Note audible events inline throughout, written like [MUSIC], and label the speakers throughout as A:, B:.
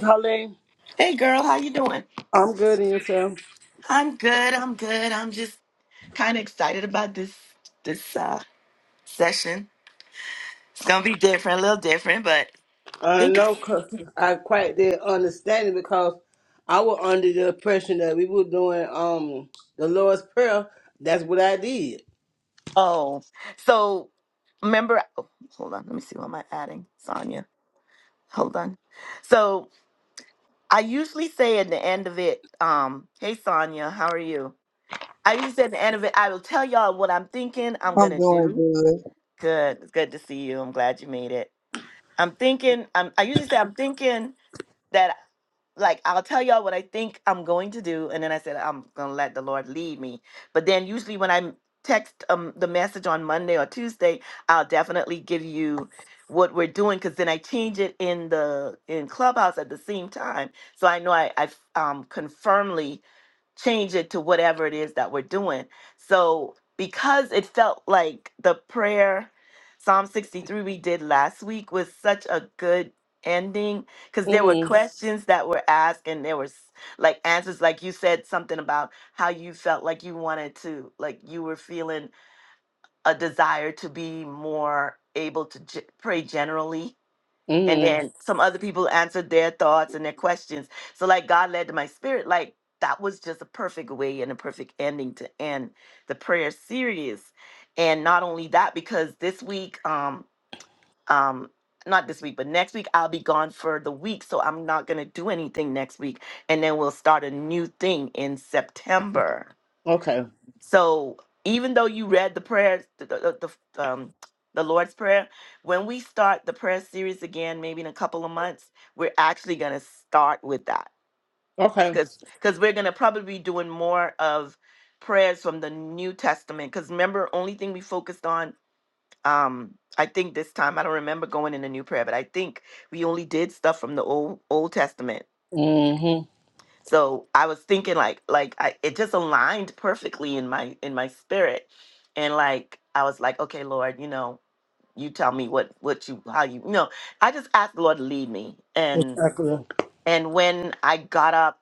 A: Colleen,
B: Hey girl, how you doing?
A: I'm good in yourself.
B: I'm good. I'm good. I'm just kind of excited about this this uh session. It's going to be different, a little different, but
A: I
B: think
A: know c- I quite didn't understand it because I was under the impression that we were doing um the Lord's Prayer. That's what I did.
B: Oh. So remember oh, hold on, let me see what am I adding? Sonia. Hold on. So I usually say at the end of it, um, hey Sonia, how are you? I usually say at the end of it, I will tell y'all what I'm thinking I'm
C: I'm
B: gonna
C: doing
B: do.
C: good.
B: Good. It's good to see you. I'm glad you made it. I'm thinking I'm I usually say I'm thinking that like I'll tell y'all what I think I'm going to do, and then I said I'm gonna let the Lord lead me. But then usually when I text um the message on Monday or Tuesday, I'll definitely give you what we're doing because then I change it in the in Clubhouse at the same time, so I know I I um confirmly change it to whatever it is that we're doing. So because it felt like the prayer Psalm 63 we did last week was such a good ending because there were Mhm.
A: Mm
B: questions that were asked and there was like answers like you said something about how you felt like you wanted to like you were feeling a desire to be more able to ge- pray generally
A: hmm.
B: and
A: Mm
B: then some other people answered their thoughts and their questions so like god led to my spirit like that was just a perfect way and a perfect ending to end the prayer series and not only that because this week um um not this week but next week i'll be gone for the week so i'm not going to do anything next week and then we'll start a new thing in september
A: hmm. Okay.
B: so even though you read the prayers, the, the, the um, the Lord's Prayer, when we start the prayer series again, maybe in a couple of months, we're actually going to start with that
A: Okay.
B: because because we're going to probably be doing more of prayers from the New Testament. Because remember, only thing we focused on. Um, I think this time I don't remember going in the new prayer, but I think we only did stuff from the old Old Testament
A: Mm hmm.
B: so I was thinking like like I it just aligned perfectly in my in my spirit. And like I was like, okay, Lord, you know, you tell me what what you how you, you know, I just asked the Lord to lead me. And
A: Exactly.
B: and when I got up,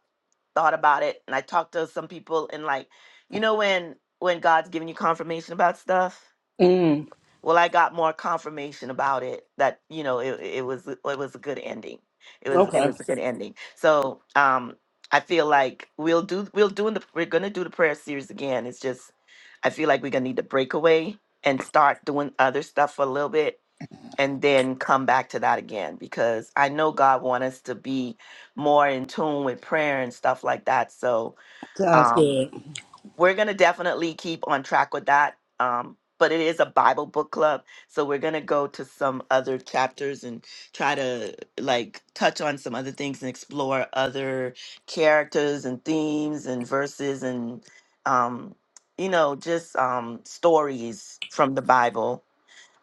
B: thought about it, and I talked to some people and like, you know when when God's giving you confirmation about stuff?
A: Mm
B: Well, I got more confirmation about it that you know it, it was it was a good ending. It
A: hmm.
B: was it
A: Okay.
B: was a good ending. So um, I feel like we'll do we'll do the we're gonna do the prayer series again. It's just I feel like we're gonna need to break away and start doing other stuff for a little bit and then come back to that again because I know God wants us to be more in tune with prayer and stuff like that. So
A: Sounds
B: um,
A: good.
B: we're going to definitely keep on track with that. Um, but it is a Bible book club. So we're going to go to some other chapters and try to like touch on some other things and explore other characters and themes and verses and, um, you know, just um, stories from the Bible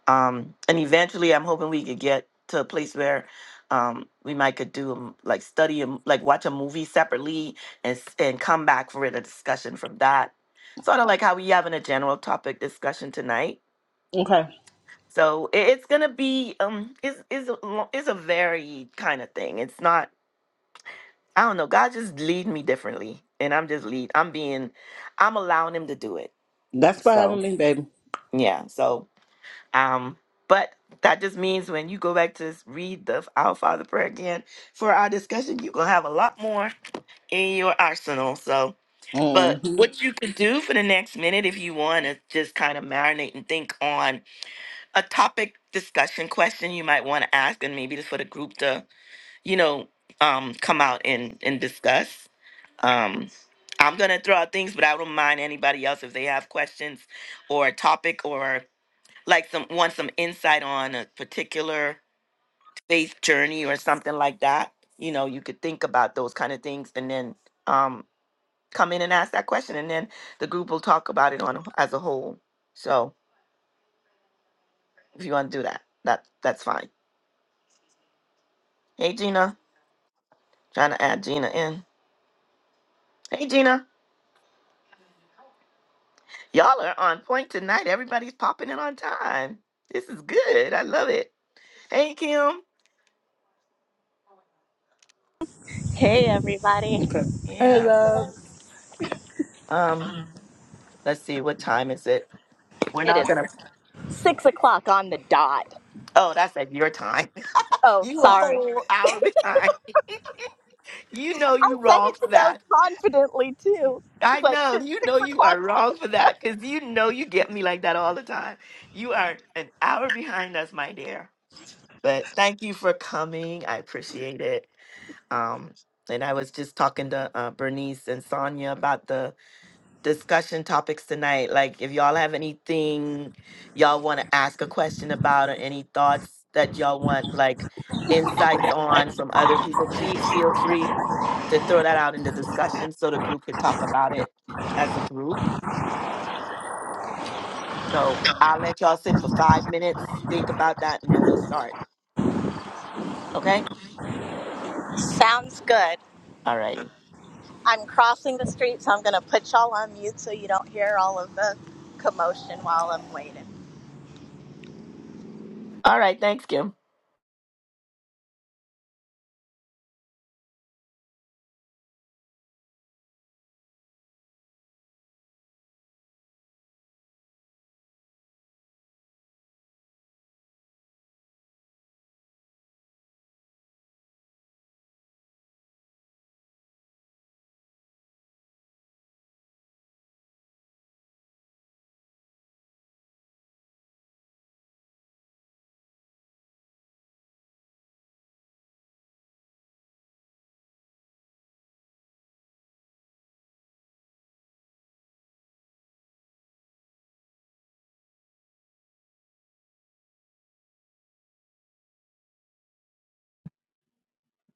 B: um and eventually i'm hoping we could get to a place where um we might could do um, like study and like watch a movie separately and s- and come back for a discussion from that sort of like how we having a general topic discussion tonight
A: Okay.
B: so i- it's gonna be um is it's a, lo- it's a varied kind of thing it's not i don't know god just lead me differently and i'm just lead i'm being i'm allowing him to do it
A: That's for
B: so
A: having me, baby.
B: yeah so Um, but that just means when you go back to s- read the Our Father prayer again for our discussion, you're gonna have a lot more in your arsenal. So, but
A: Mm hmm.
B: what you could do for the next minute, if you want to just kind of marinate and think on a topic discussion question you might want to ask, and maybe just for the group to, you know, um, come out and and discuss. Um, I'm gonna throw out things, but I don't mind anybody else if they have questions or a topic or like some want some insight on a particular faith journey or something like that you know you could think about those kind of things and then um come in and ask that question and then the group will talk about it on as a whole so if you want to do that that that's fine hey gina trying to add gina in hey gina y'all are on point tonight everybody's popping in on time this is good i love it hey kim
D: Hey, everybody.
A: Okay. Hey,
D: Hey,
B: yeah
A: love.
B: um let's see what time is it we're
D: It
B: not
D: is six o'clock on the dot.
B: oh that's at your time
D: Oh,
B: You a
D: sorry.
B: whole hour [LAUGHS] behind. You know
D: I
B: you
D: said
B: wrong
D: it
B: for
D: so
B: that.
D: confidently, too.
B: I
D: It's like, it
B: know.
D: is
B: You know
D: six
B: you are
D: o'clock.
B: wrong for that because you know you get me like that all the time. You are an hour behind us, my dear. But thank you for coming. I appreciate it. Um, and I was just talking to uh, Bernice and Sonia about the discussion topics tonight. Like, if y'all have anything y'all want to ask a question about or any thoughts that y'all want, like insights on from other people, please feel free to throw that out in the discussion so the group could talk about it as a group. So I'll let y'all sit for five minutes, think about that, and then we'll start. Okay?
D: Sounds good.
B: All righty.
D: I'm crossing the street, so I'm going to put y'all on mute so you don't hear all of the commotion while I'm waiting.
B: All right. Thanks, Kim.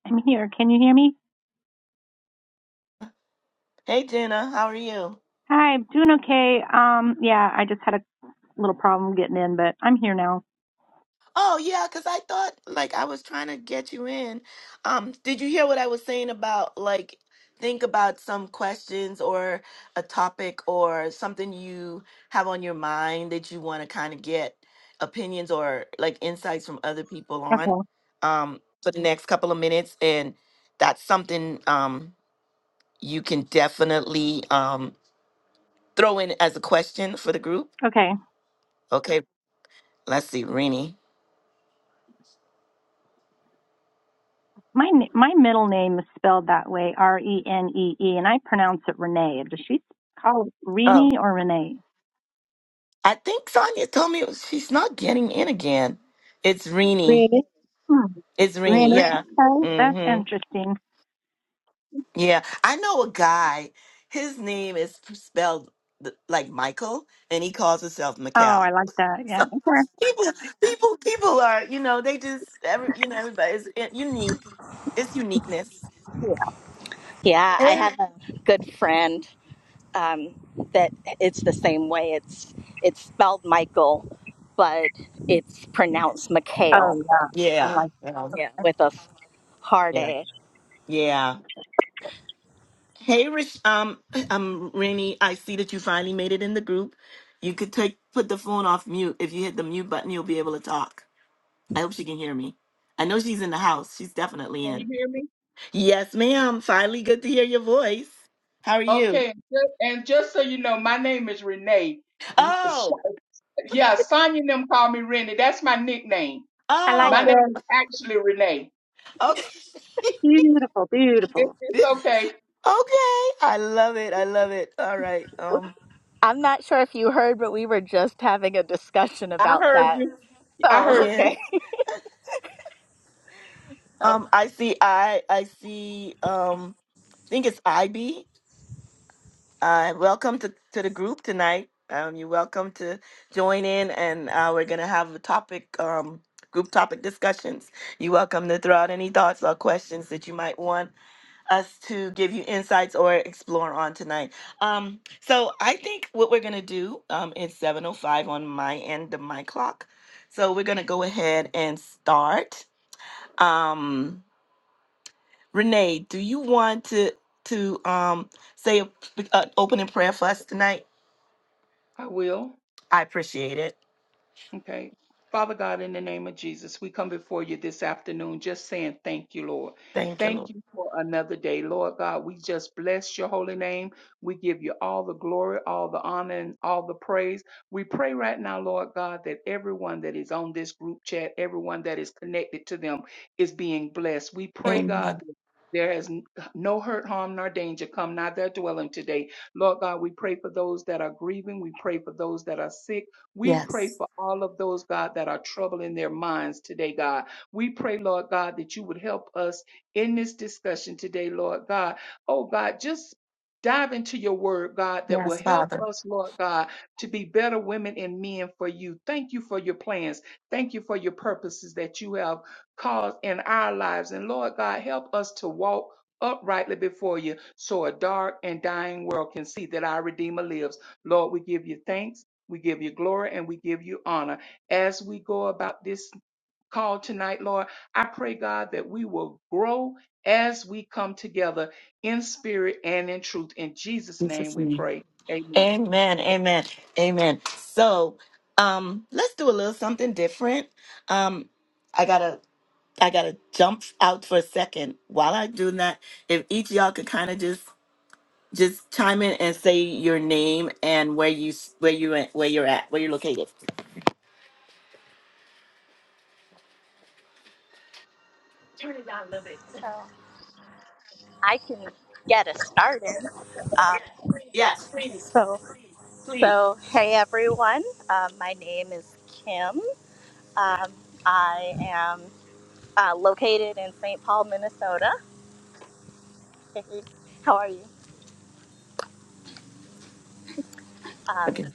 E: I'm here. Can you hear me?
B: Hey, Jenna. How are you?
E: Hi, I'm doing okay. Um, yeah, I just had a little problem getting in, but I'm here now.
B: Oh yeah, because I thought like I was trying to get you in. Um, did you hear what I was saying about like think about some questions or a topic or something you have on your mind that you want to kind of get opinions or like insights from other people on
E: Okay.
B: um for the next couple of minutes and that's something um you can definitely um throw in as a question for the group.
E: Okay.
B: Okay, let's see, Renee.
E: My n- my middle name is spelled that way, R E N E E, and I pronounce it Renee. Does she call it Renee or Renee?
B: I think Sonia told me it was, she's not getting in again. It's Rini.
C: Rennie,
E: Hmm.
B: It's Rini.
C: Rennie.
B: Yeah.
E: Okay. That's
B: Mm-hmm.
E: interesting.
B: Yeah. I know a guy. His name is spelled th- like Michael, and he calls himself
E: Oh,
B: Macau. [LAUGHS]
E: I like that. Yeah.
B: So
E: Okay.
B: people, people, people are you know they just every you know everybody's unique. It's uniqueness.
E: Yeah.
D: Yeah, I
B: Yeah.
D: have a good friend um, that it's the same way. It's, it's spelled Michael, but it's pronounced
E: Oh,
D: McHale.
E: yeah. I
B: Yeah.
E: like
D: Yeah.
E: it.
D: With a hard
B: Yeah.
D: A.
B: Yeah. Hey, Rich, um, um, Rainy, I see that you finally made it in the group. You could take put the phone off mute. If you hit the mute button, you'll be able to talk. I hope she can hear me. I know she's in the house. She's definitely
F: Can you
B: in.
F: hear me?
B: Yes, ma'am. Finally, good to hear your voice. How are
F: Okay,
B: you?
F: and ju- and just so you know, my name is Renee. M- Sh-
B: Oh,
F: Yeah, Sonya and them call me Renee. That's my nickname.
E: I like
F: My
B: oh,
F: name
E: it.
F: is actually Renee.
B: okay,
E: Beautiful,
F: It,
E: beautiful.
B: [LAUGHS]
F: it's
B: okay.
F: okay.
B: I love it. I love it. All right. Um,
D: I'm not sure if you heard, but we were just having a discussion
F: I
D: about
F: heard
D: that.
F: you. I
D: So,
F: heard you.
B: yeah.
D: okay. [LAUGHS] So,
B: Um, I see. I I see. Um, I think it's IB. Uh, welcome to, to the group tonight. Um, you're welcome to join in, and uh, we're going to have a topic, um, group topic discussions. You're welcome to throw out any thoughts or questions that you might want us to give you insights or explore on tonight. Um, so I think what we're going to do um, is 7.05 on my end of my clock. So we're going to go ahead and start. Um, Renee, do you want to, to um, say an opening prayer for us tonight?
F: I will.
B: I appreciate it.
F: Okay. Father God, in the name of Jesus, we come before you this afternoon just saying thank you, Lord.
B: Thank you,
F: Thank
B: Lord.
F: you for another day. Lord God, we just bless your holy name. We give you all the glory, all the honor, and all the praise. We pray right now, Lord God, that everyone that is on this group chat, everyone that is connected to them, is being blessed. We pray, God,
B: Amen.
F: that there is n- no hurt, harm, nor danger come nigh their dwelling today. Lord God, we pray for those that are grieving. We pray for those that are sick. We pray
B: Yes.
F: for all of those, God, that are troubling their minds today, God. We pray, Lord God, that you would help us in this discussion today, Lord God. Oh, God, just dive into your word, God, that will
B: Yes,
F: help
B: Father.
F: us, Lord God, to be better women and men for you. Thank you for your plans. Thank you for your purposes that you have caused in our lives. And Lord God, help us to walk uprightly before you so a dark and dying world can see that our Redeemer lives. Lord, we give you thanks. We give you glory and we give you honor. As we go about this call tonight, Lord, I pray, God, that we will grow as we come together in spirit and in truth. In Jesus'
B: In
F: name
B: Jesus'
F: we
B: name.
F: pray. Amen.
B: Amen. Amen. Amen. So um let's do a little something different. Um I gotta I gotta jump out for a second. While I do that, if each of y'all could kind of just just chime in and say your name and where you s- where you at- where you're at, where you're located.
D: so I can get us started. Um,
B: Yes, please,
D: so,
B: please.
D: so hey everyone. Um, my name is Kim. Um, I am uh, located in St. Paul, Minnesota. Hey, How are you? Um,
B: Okay.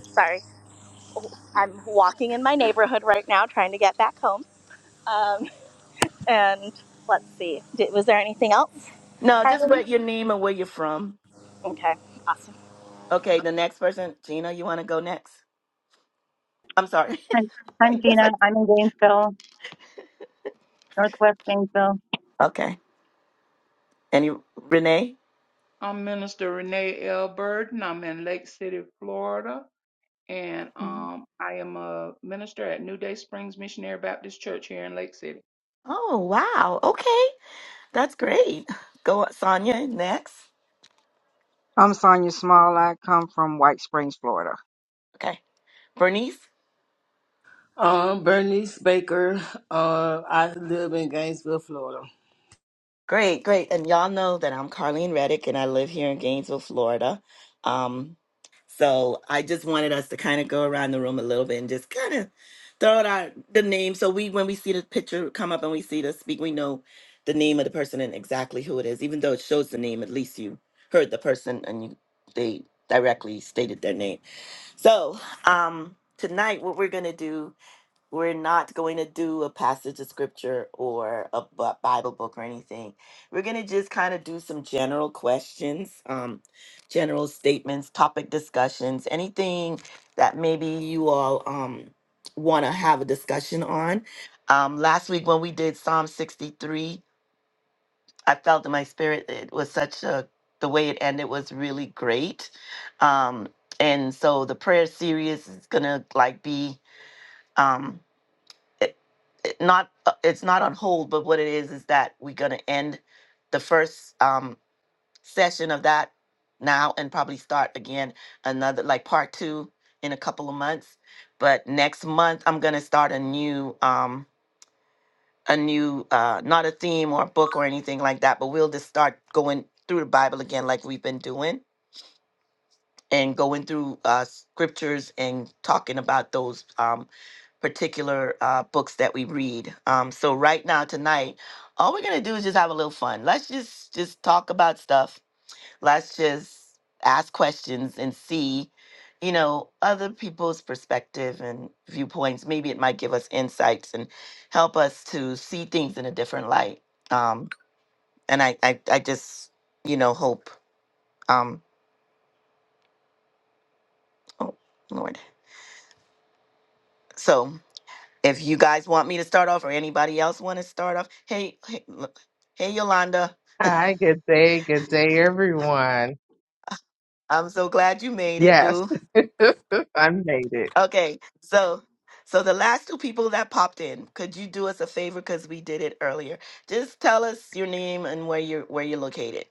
D: sorry, I'm walking in my neighborhood right now, trying to get back home. Um, and let's see. Did, was there anything else,
B: No, just
D: Carly?
B: what your name and where you're from.
D: Okay. Awesome.
B: Okay, the next person, Gina, you want to go next? I'm sorry.
E: Hi,
B: [LAUGHS]
E: I'm
B: yes,
E: Gina.
B: I.
E: I'm in Gainesville, Northwest Gainesville.
B: Okay. Any Renee?
F: I'm Minister Renee L. Burden. I'm in Lake City, Florida. And um, I am a minister at New Day Springs Missionary Baptist Church here in Lake City.
B: Oh wow. Okay, that's great. [LAUGHS] Go Sonia next.
C: I'm Sonia Small. I come from White Springs, Florida.
B: Okay, Bernice.
A: Um, Bernice Baker. Uh, I live in Gainesville, Florida.
B: Great, great. And y'all know that I'm Carlene Reddick and I live here in Gainesville, Florida. Um, so I just wanted us to kind of go around the room a little bit and just kind of throw out our, the name. So we, when we see the picture come up and we see the speak, we know the name of the person and exactly who it is. Even though it shows the name, at least you heard the person and you, they directly stated their name. So um, tonight, what we're going to do we're not going to do a passage of scripture or a bu- bible book or anything we're going to just kind of do some general questions um general statements topic discussions anything that maybe you all um want to have a discussion on um last week when we did psalm 63 i felt in my spirit it was such a the way it ended was really great um and so the prayer series is going to like be um it not uh, it's not on hold but what it is is that we're going to end the first um session of that now and probably start again another like part two in a couple of months but next month i'm going to start a new um a new uh not a theme or a book or anything like that but we'll just start going through the bible again like we've been doing and going through uh scriptures and talking about those um, particular uh, books that we read. Um, so right now tonight, all we're gonna do is just have a little fun. Let's just just talk about stuff. Let's just ask questions and see, you know, other people's perspective and viewpoints. Maybe it might give us insights and help us to see things in a different light. Um, and I, I, I just, you know, hope. Um, oh Lord. So if you guys want me to start off, or anybody else want to start off, hey, hey, look, hey, Yolanda.
G: Hi, good day, good day, everyone.
B: I'm so glad you made it,
G: Yes,
B: boo.
G: [LAUGHS] I made it.
B: Okay, so so the last two people that popped in, could you do us a favor because we did it earlier? Just tell us your name and where you're where you're located.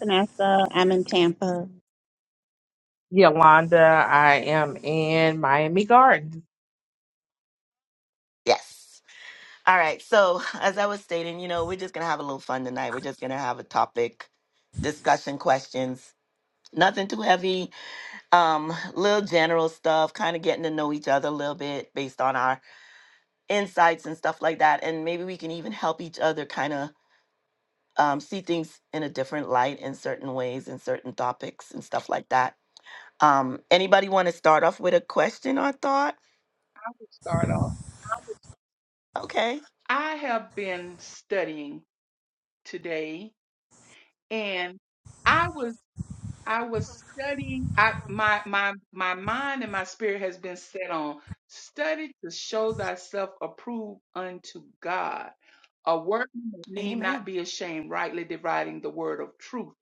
H: Vanessa. I'm in Tampa.
G: Yolanda, I am in Miami Gardens.
B: Yes. All right. So as I was stating, you know, we're just gonna have a little fun tonight. We're just gonna have a topic discussion questions. Nothing too heavy. Um, little general stuff, kind of getting to know each other a little bit based on our insights and stuff like that. And maybe we can even help each other kind of um, see things in a different light in certain ways in certain topics and stuff like that. Um, anybody want to start off with a question or thought?
F: I will start off.
B: Okay.
F: I have been studying today, and I was. I was studying. I my my my mind and my spirit has been set on study to show thyself approved unto God, a workman that need not
B: Amen.
F: be ashamed, rightly dividing the word of truth.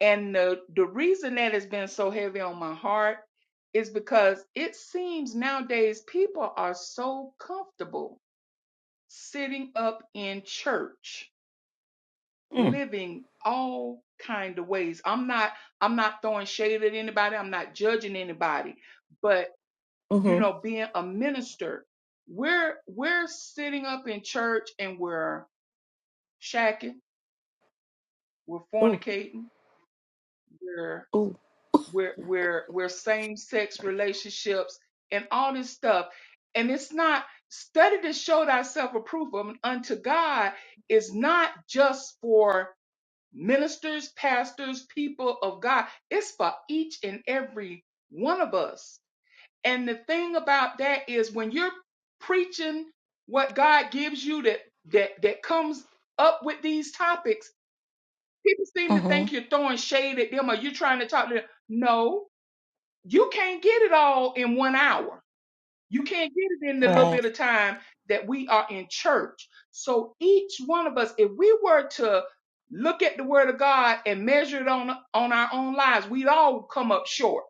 F: And the the reason that has been so heavy on my heart is because it seems nowadays people are so comfortable sitting up in church
B: Mm.
F: living all kind of ways. I'm not I'm not throwing shade at anybody. I'm not judging anybody. But you
B: Mm-hmm.
F: know, being a minister, we're we're sitting up in church and we're shacking, we're
B: Ooh,
F: fornicating, we're
B: ooh.
F: we're we're we're same sex relationships and all this stuff. And it's not study to show thyself approved unto God is not just for ministers, pastors, people of God. It's for each and every one of us. And the thing about that is when you're preaching what God gives you that that that comes up with these topics, people seem to think
B: Mm-hmm.
F: you're throwing shade at them or you're trying to talk to them. No, you can't get it all in one hour you can't get it in the little
B: Right.
F: bit of time that we are in church. So each one of us, if we were to look at the word of God and measure it on, on our own lives, we'd all come up short.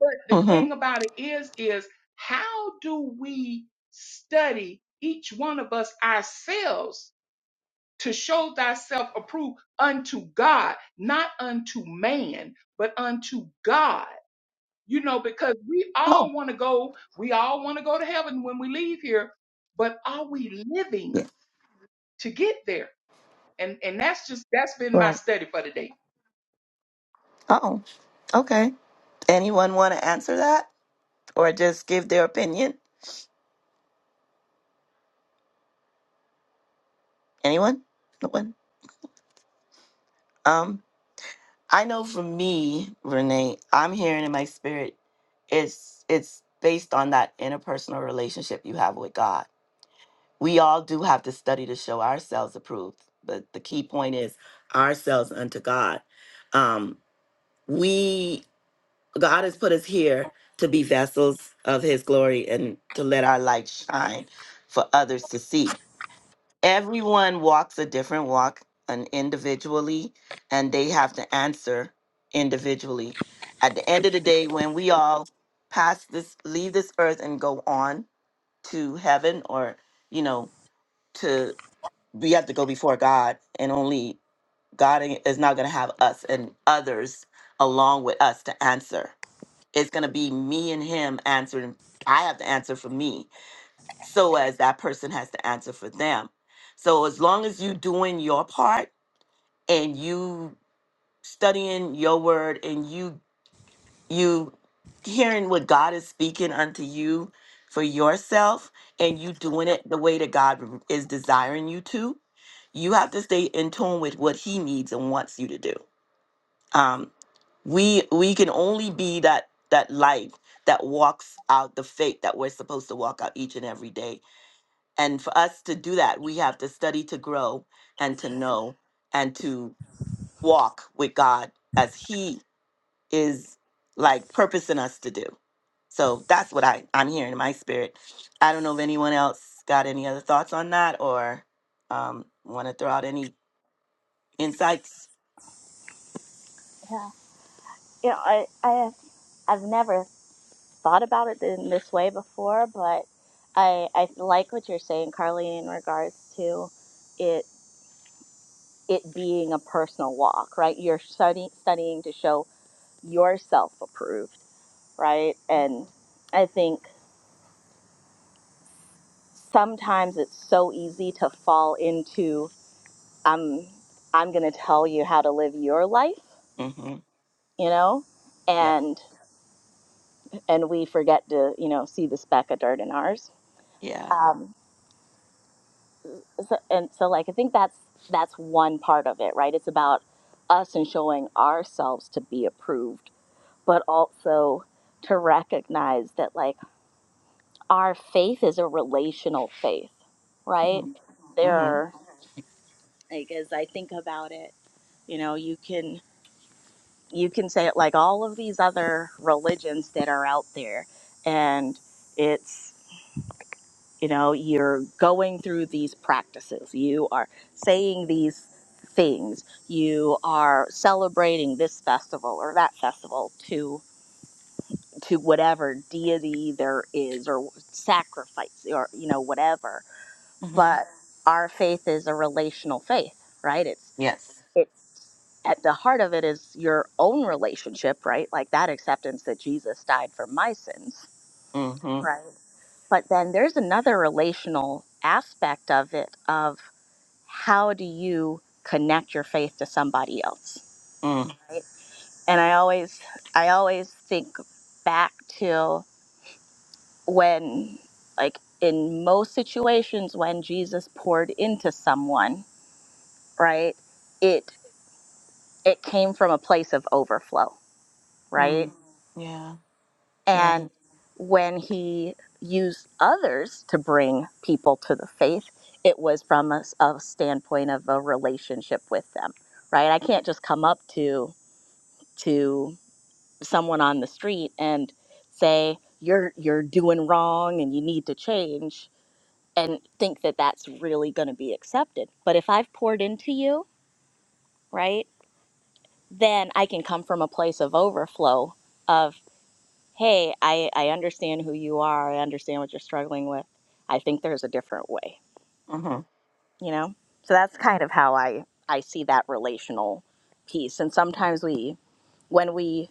F: But the
B: Mm-hmm.
F: thing about it is, is how do we study each one of us ourselves to show thyself approved unto God, not unto man, but unto God? you know, because we
B: Oh,
F: all want to go, we all want to go to heaven when we leave here, but are we living to get there? And and that's just that's been my
B: Right.
F: study for the day.
B: oh, okay. Anyone want to answer that or just give their opinion? Anyone? No one? Um, I know for me, Renee, I'm hearing in my spirit, it's it's based on that interpersonal relationship you have with God. we all do have to study to show ourselves approved but the key point is ourselves unto god um we god has put us here to be vessels of his glory and to let our light shine for others to see everyone walks a different walk and individually and they have to answer individually at the end of the day when we all pass this leave this earth and go on to heaven or you know to we have to go before God, and only God is not going to have us and others along with us to answer. It's going to be me and Him answering. I have to answer for me, so as that person has to answer for them. So as long as you doing your part and you studying your word and you you hearing what God is speaking unto you for yourself and you doing it the way that God is desiring you to, you have to stay in tune with what he needs and wants you to do. Um, we we can only be that that light that walks out the faith that we're supposed to walk out each and every day. And for us to do that, we have to study to grow and to know and to walk with God as he is like purposing us to do. So that's what I, I'm hearing in my spirit. I don't know if anyone else got any other thoughts on that or um, want to throw out any insights.
D: Yeah. you know, I, I I've never thought about it in this way before, but I I like what you're saying, Carly, in regards to it it being a personal walk, right? You're study, studying to show yourself approved, right? And I think sometimes it's so easy to fall into I'm I'm going to tell you how to live your life,
B: Mm-hmm.
D: you know,
B: Yep.
D: and and we forget to you know see the speck of dirt in ours.
B: Yeah.
D: Um, so, and so like i think that's that's one part of it right it's about us and showing ourselves to be approved but also to recognize that like our faith is a relational faith right
B: Mm-hmm.
D: there
B: Mm-hmm.
D: are like as i think about it you know you can you can say it like all of these other religions that are out there and it's You know, you're going through these practices, you are saying these things, you are celebrating this festival or that festival to to whatever deity there is or sacrifice or you know whatever.
B: Mm-hmm.
D: But our faith is a relational faith, right? It's
B: Yes.
D: it's at the heart of it is your own relationship, right? Like that acceptance that Jesus died for my sins,
B: Mm-hmm.
D: right? But then there's another relational aspect of it of how do you connect your faith to somebody else, right? And I always I always think back to when like in most situations when Jesus poured into someone, right? It it came from a place of overflow,
B: Mm-hmm.
D: right?
B: Yeah. Yeah.
D: And when he used others to bring people to the faith, it was from a, s- a standpoint of a relationship with them, right? I can't just come up to to someone on the street and say you're you're doing wrong and you need to change and think that that's really going to be accepted. But if I've poured into you, right, then I can come from a place of overflow of. hey, I, I understand who you are. I understand what you're struggling with. I think there's a different way,
B: Mm-hmm.
D: you know? So that's kind of how I, I see that relational piece. And sometimes we, when we,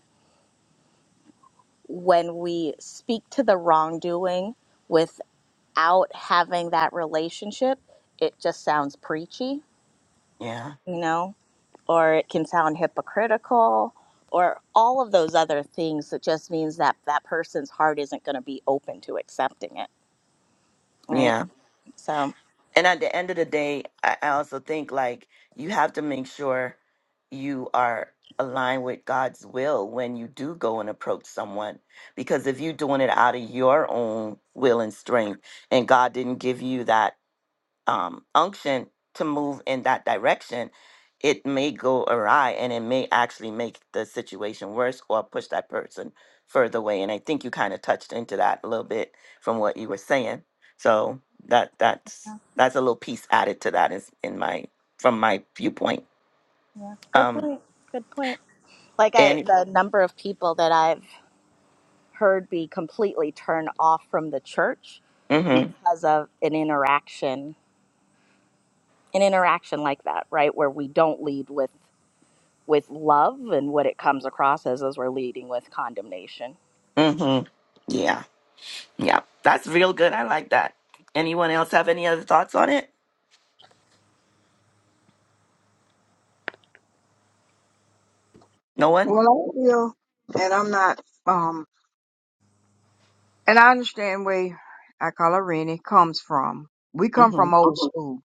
D: when we speak to the wrongdoing without having that relationship, it just sounds preachy,
B: Yeah.
D: you know, or it can sound hypocritical or all of those other things that just means that that person's heart isn't going to be open to accepting it,
B: Yeah.
D: right? So,
B: and at the end of the day, I, I also think like you have to make sure you are aligned with God's will when you do go and approach someone. Because if you're doing it out of your own will and strength, and God didn't give you that um, unction to move in that direction, it may go awry and it may actually make the situation worse or push that person further away. And I think you kind of touched into that a little bit from what you were saying. So that that's that's a little piece added to that is in my from my viewpoint.
D: Yeah, good
B: Um
D: point. Good point. Like I,
B: and
D: the number of people that I've heard be completely turned off from the church
B: mm mhm
D: because of an interaction, an interaction like that, right, where we don't lead with with love, and what it comes across as is we're leading with condemnation.
B: mm mhm yeah yeah that's real good. I like that. Anyone else have any other thoughts on it? No one?
C: Well, i feel, and I'm not. Um, and I understand where I call her Rennie comes from. We
B: mm
C: come from
B: Mhm
C: old Mhm. school.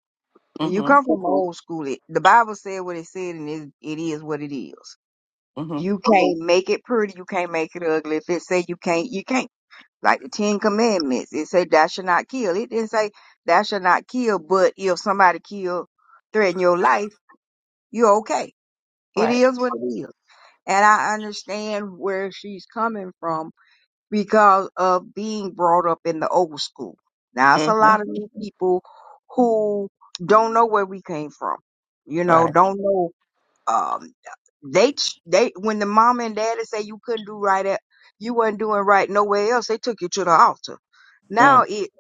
B: mm
C: When you
B: mhm
C: come from old school, it, the Bible said what it said, and it, it is what it is.
B: mm mhm
C: You can't Mhm. make it pretty. You can't make it ugly. If it say you can't, you can't. Like the Ten Commandments, it say thou shall not kill. It didn't say thou shall not kill, but if somebody kill, threaten your life. You're okay. It
B: right.
C: is what it is. And I understand where she's coming from because of being brought up in the old school. Now, it's a
B: mm Mhm.
C: lot of new people who don't know where we came from. You
B: Right.
C: know, don't know, um, they, they, when the mom and daddy say you couldn't do right at, you wasn't doing right nowhere else, they took you to the altar. Now
B: Mm.
C: it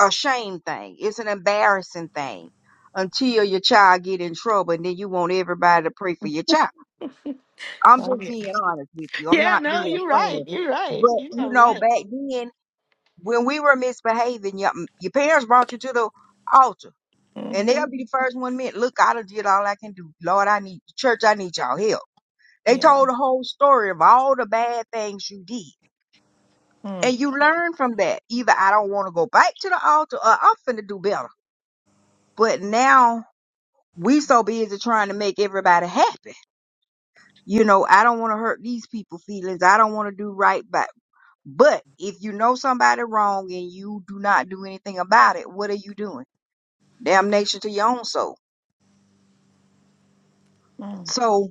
C: a shame thing. It's an embarrassing thing until your child get in trouble and then you want everybody to pray for your child I'm
B: Oh,
C: just
B: yeah.
C: being honest with you. I'm
B: yeah,
C: not
B: no,
C: being
B: you're right.
C: funny.
B: You're right.
C: But
B: You
C: you
B: are
C: know,
B: right.
C: back then when we were misbehaving, your, your parents brought you to the altar, and
B: Mm-hmm.
C: they'll be the first one minute. Look, I done did all I can do. Lord, I need church. I need y'all help. They
B: Yeah.
C: told the whole story of all the bad things you did, and you learn from that. Either I don't want to go back to the altar, or I'm finna do better. But now we so busy trying to make everybody happy. You know, I don't want to hurt these people's feelings. I don't want to do right by. But if you know somebody wrong and you do not do anything about it, what are you doing? Damnation to your own soul.
B: Mm-hmm.
C: So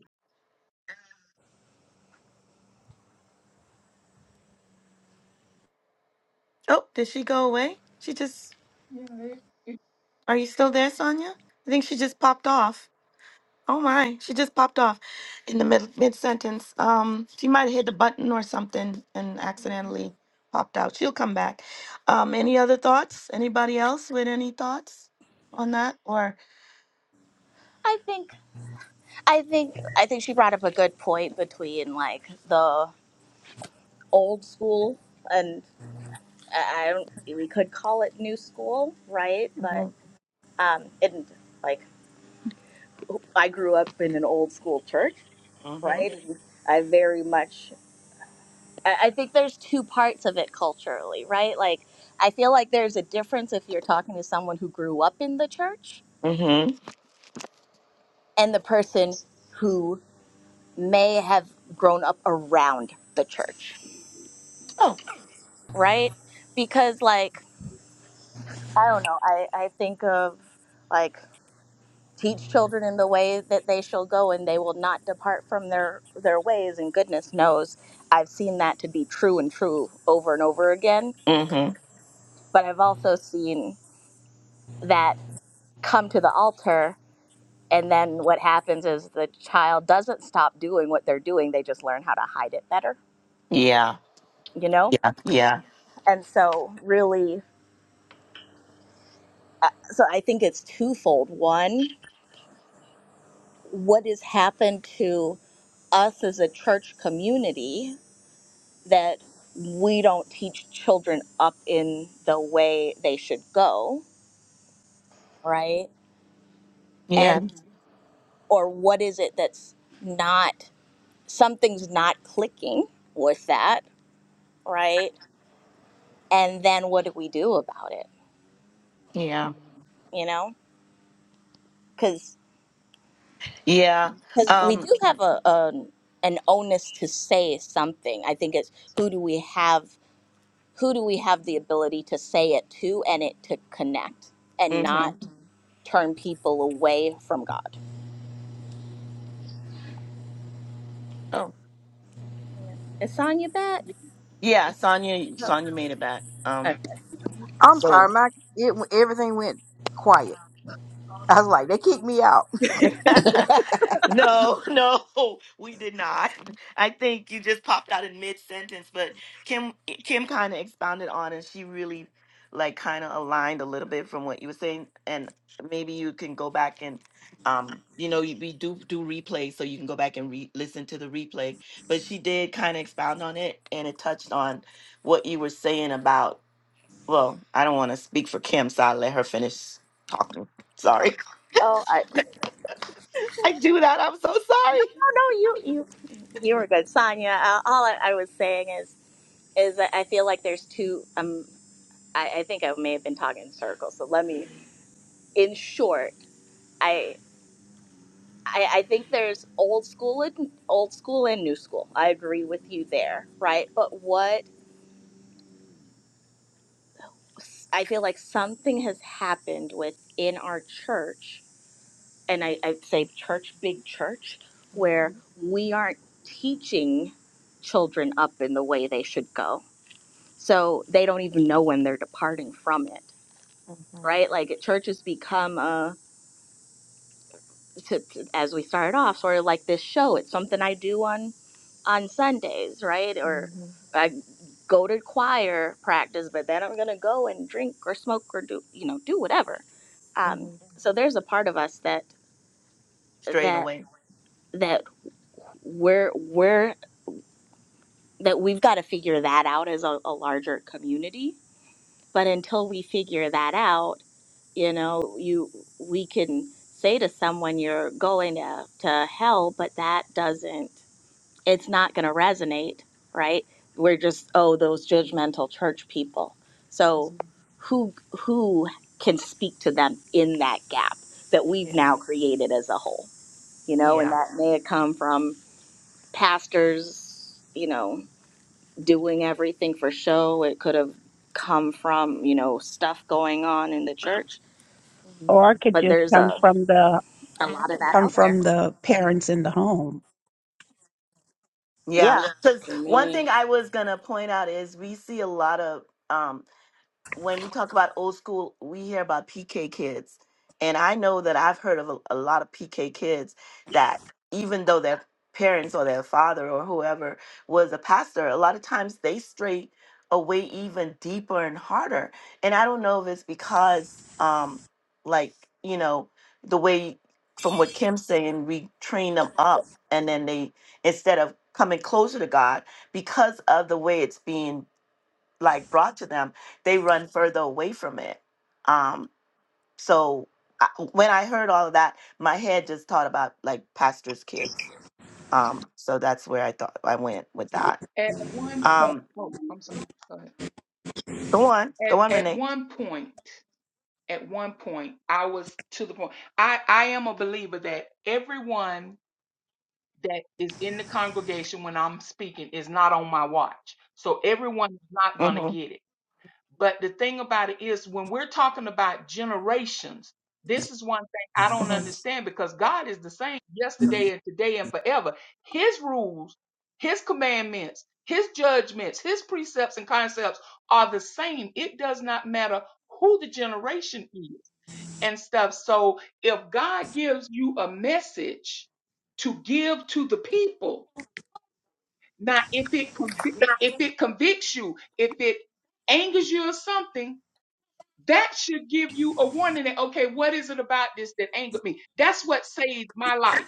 B: Oh, did she go away? She just,
F: Yeah, it- it-
B: are you still there, Sonia? I think she just popped off. Oh my, she just popped off in the mid mid sentence. Um, she might have hit the button or something and accidentally popped out. She'll come back. Um, any other thoughts? Anybody else with any thoughts on that? Or
D: I think, I think, I think she brought up a good point between like the old school and I I don't, we could call it new school, right? But
B: mm-hmm.
D: um, and like. I grew up in an old school church, right?
B: Mm-hmm.
D: And I very much, I I think there's two parts of it culturally, right? Like, I feel like there's a difference if you're talking to someone who grew up in the church
B: Mm-hmm.
D: and the person who may have grown up around the church,
B: Oh.
D: right? Because, like, I don't know, I, I think of, like. teach children in the way that they shall go and they will not depart from their their ways and goodness knows i've seen that to be true and true over and over again
B: Mm-hmm.
D: but i've also seen that come to the altar and then what happens is the child doesn't stop doing what they're doing they just learn how to hide it better
B: Yeah.
D: you know
B: Yeah.
D: and so really uh, so i think it's twofold one what has happened to us as a church community that we don't teach children up in the way they should go, right?
B: Yeah.
D: And or what is it that's not something's not clicking with that, right? And then what do we do about it?
B: Yeah.
D: You know, because
B: Yeah.
D: because we
B: Um.
D: do have a, a an onus to say something. I think it's who do we have who do we have the ability to say it to and it to connect and
B: hmm
D: not Mhm. turn people away from God?
B: Oh,
D: Is Sonya back?
F: yeah.
B: yeah. Sonia.
D: Yep.
B: Sonia made it back. Um.
D: Okay.
C: I'm sorry,
B: So.
C: my it everything went quiet. I was like, they kicked me out. [LAUGHS]
B: [LAUGHS] no, no, we did not. I think you just popped out in mid sentence, but Kim, Kim kind of expounded on, and she really, like, kind of aligned a little bit from what you were saying, and maybe you can go back and, um, you know, you- we do do replay, so you can go back and re listen to the replay. But she did kind of expound on it, and it touched on what you were saying about. Well, I don't want to speak for Kim, so I'll let her finish talking.
D: Oh,
B: Sorry.
D: oh, I, [LAUGHS]
B: [LAUGHS] I do that. I'm so sorry.
D: no, no, you, you, you were good, Sonya. Uh, all I, I was saying is, is that I feel like there's two. Um, I, I think I may have been talking in circles. So let me, in short, I, I, I think there's old school and old school and new school. I agree with you there, right? But what? I feel like something has happened within our church, and I, I say church, big church, where we aren't teaching children up in the way they should go. So they don't even know when they're departing from it,
B: Mhm, mhm,
D: right? Like church has become a to, as we started off, sort of like this show. It's something I do on on Sundays, right? Or
B: mhm.
D: I go to choir practice, but then I'm gonna go and drink or smoke or do you know do whatever. Um,
B: mhm.
D: so there's a part of us that
B: Straight
D: that
B: away.
D: that we're we're that we've got to figure that out as a, a larger community. But until we figure that out, you know, you we can say to someone you're going to to hell, but that doesn't it's not going to resonate, right? We're just oh those judgmental church people. So
B: Mhm.
D: who who can speak to them in that gap that we've
B: Yeah.
D: now created as a whole? You know, and
B: Yeah.
D: that may have come from pastors, you know, doing everything for show. It could have come from, you know, stuff going on in the church,
B: Mhm.
H: Or it could
D: but
H: just
D: there's
H: come
D: a
H: from the
D: a lot of that
H: come
D: out there.
H: from the parents in the home.
B: Yeah.
D: Yeah.
B: Because one
A: Amen.
B: thing I was going to point out is we see a lot of. um, when we talk about old school, we hear about PK kids. And I know that I've heard of a, a lot of PK kids that even though their parents or their father or whoever was a pastor, a lot of times they stray away even deeper and harder. And I don't know if it's because um like, you know, the way from what Kim's saying, we train them up and then they instead of coming closer to God because of the way it's being like brought to them, they run further away from it. Um, so I, when I heard all of that, my head just thought about like pastors' kids. Um, so that's where I thought I went with that.
F: At one point,
B: Um,
F: oh, I'm sorry. Go ahead.
B: go on, go
F: At
B: on,
F: at
B: Renee.
F: one point, at one point, I was to the point. I I am a believer that everyone that is in the congregation when I'm speaking is not on my watch, so everyone is not going to
B: Mm-hmm.
F: get it. But the thing about it is, when we're talking about generations, this is one thing I don't
B: Mm-hmm.
F: understand because God is the same yesterday and today and forever. His rules, His commandments, His judgments, His precepts and concepts are the same. It does not matter who the generation is and stuff. So if God gives you a message to give to the people, now if it convi- if it convicts you, if it angers you or something, that should give you a warning that, okay, what is it about this that angered me? That's what saved my life.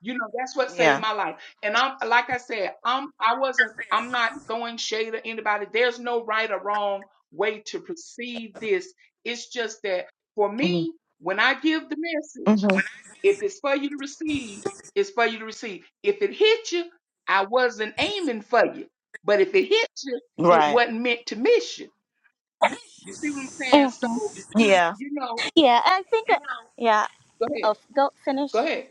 F: You know, that's what saved
B: Yeah.
F: my life. And I'm, like I said, I'm, I wasn't, I'm not throwing shade at anybody. There's no right or wrong way to perceive this. It's just that for
B: Mm-hmm.
F: me, when I give the message,
B: Mm-hmm.
F: if it's for you to receive, it's for you to receive. If it hit you, I wasn't aiming for you. But if it hit you, it
B: Right.
F: wasn't meant to miss you. You see what I'm saying? So,
D: Mhm.
B: Yeah.
F: you know,
D: Yeah, I think yeah,
F: Go ahead.
D: I'll go
F: Go
D: finish.
F: ahead.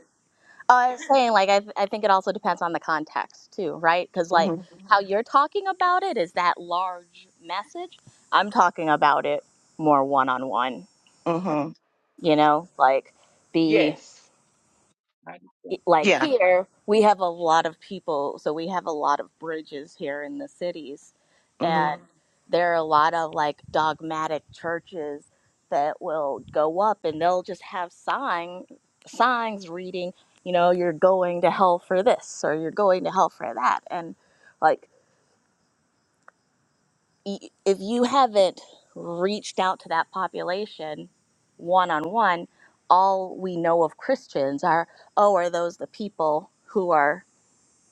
D: Oh, I was saying, like, I, th- I think it also depends on the context too, right? Because, like,
B: Mm-hmm.
D: how you're talking about it is that large message. I'm talking about it more one on one,
B: Mm-hmm.
F: Mhm.
D: you know, like, be
F: Yes. I
D: e,
F: understand.
D: like
B: Yeah.
D: here we have a lot of people so we have a lot of bridges here in the cities
B: Mm-hmm.
D: and Mhm. there are a lot of like dogmatic churches that will go up and they'll just have sign signs reading you know you're going to hell for this or you're going to hell for that and like y- if you haven't reached out to that population one on one all we know of Christians are oh are those the people who are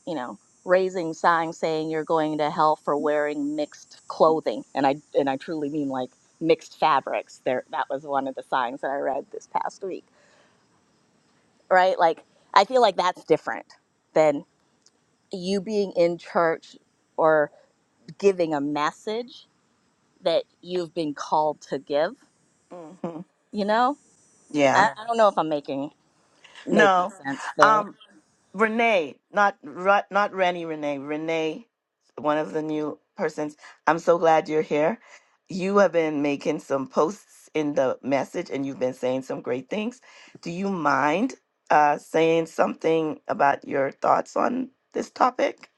D: you know, raising signs saying you're going to hell for wearing mixed clothing. And I and I truly mean like mixed fabrics. There that was one of the signs that I read this past week. Right? Like I feel like that's different than you being in church or giving a message that you've been called to give,
B: Mm-hmm.
D: you know?
B: Yeah.
D: I, I don't know if I'm making making
B: No.
D: sense there.
B: Um. Renee, not Ra- not Rennie Renee, Renee, one of the new persons. I'm so glad you're here. You have been making some posts in the message and you've been saying some great things. Do you mind uh saying something about your thoughts on this topic?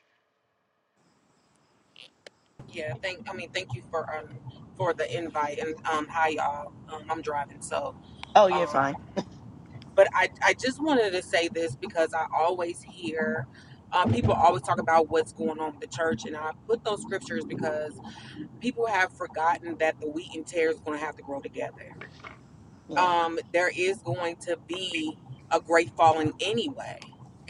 I: Yeah, thank. I mean, thank you for um for the invite and um hi y'all. Um, I'm driving, so
B: Oh, you're
I: um,
B: fine.
I: but I I just wanted to say this because I always hear. Uh, people always talk about what's going on with the church, and I put those scriptures because people have forgotten that the wheat and tares is going to have to grow together.
B: Yeah.
I: Um, there is going to be a great falling anyway,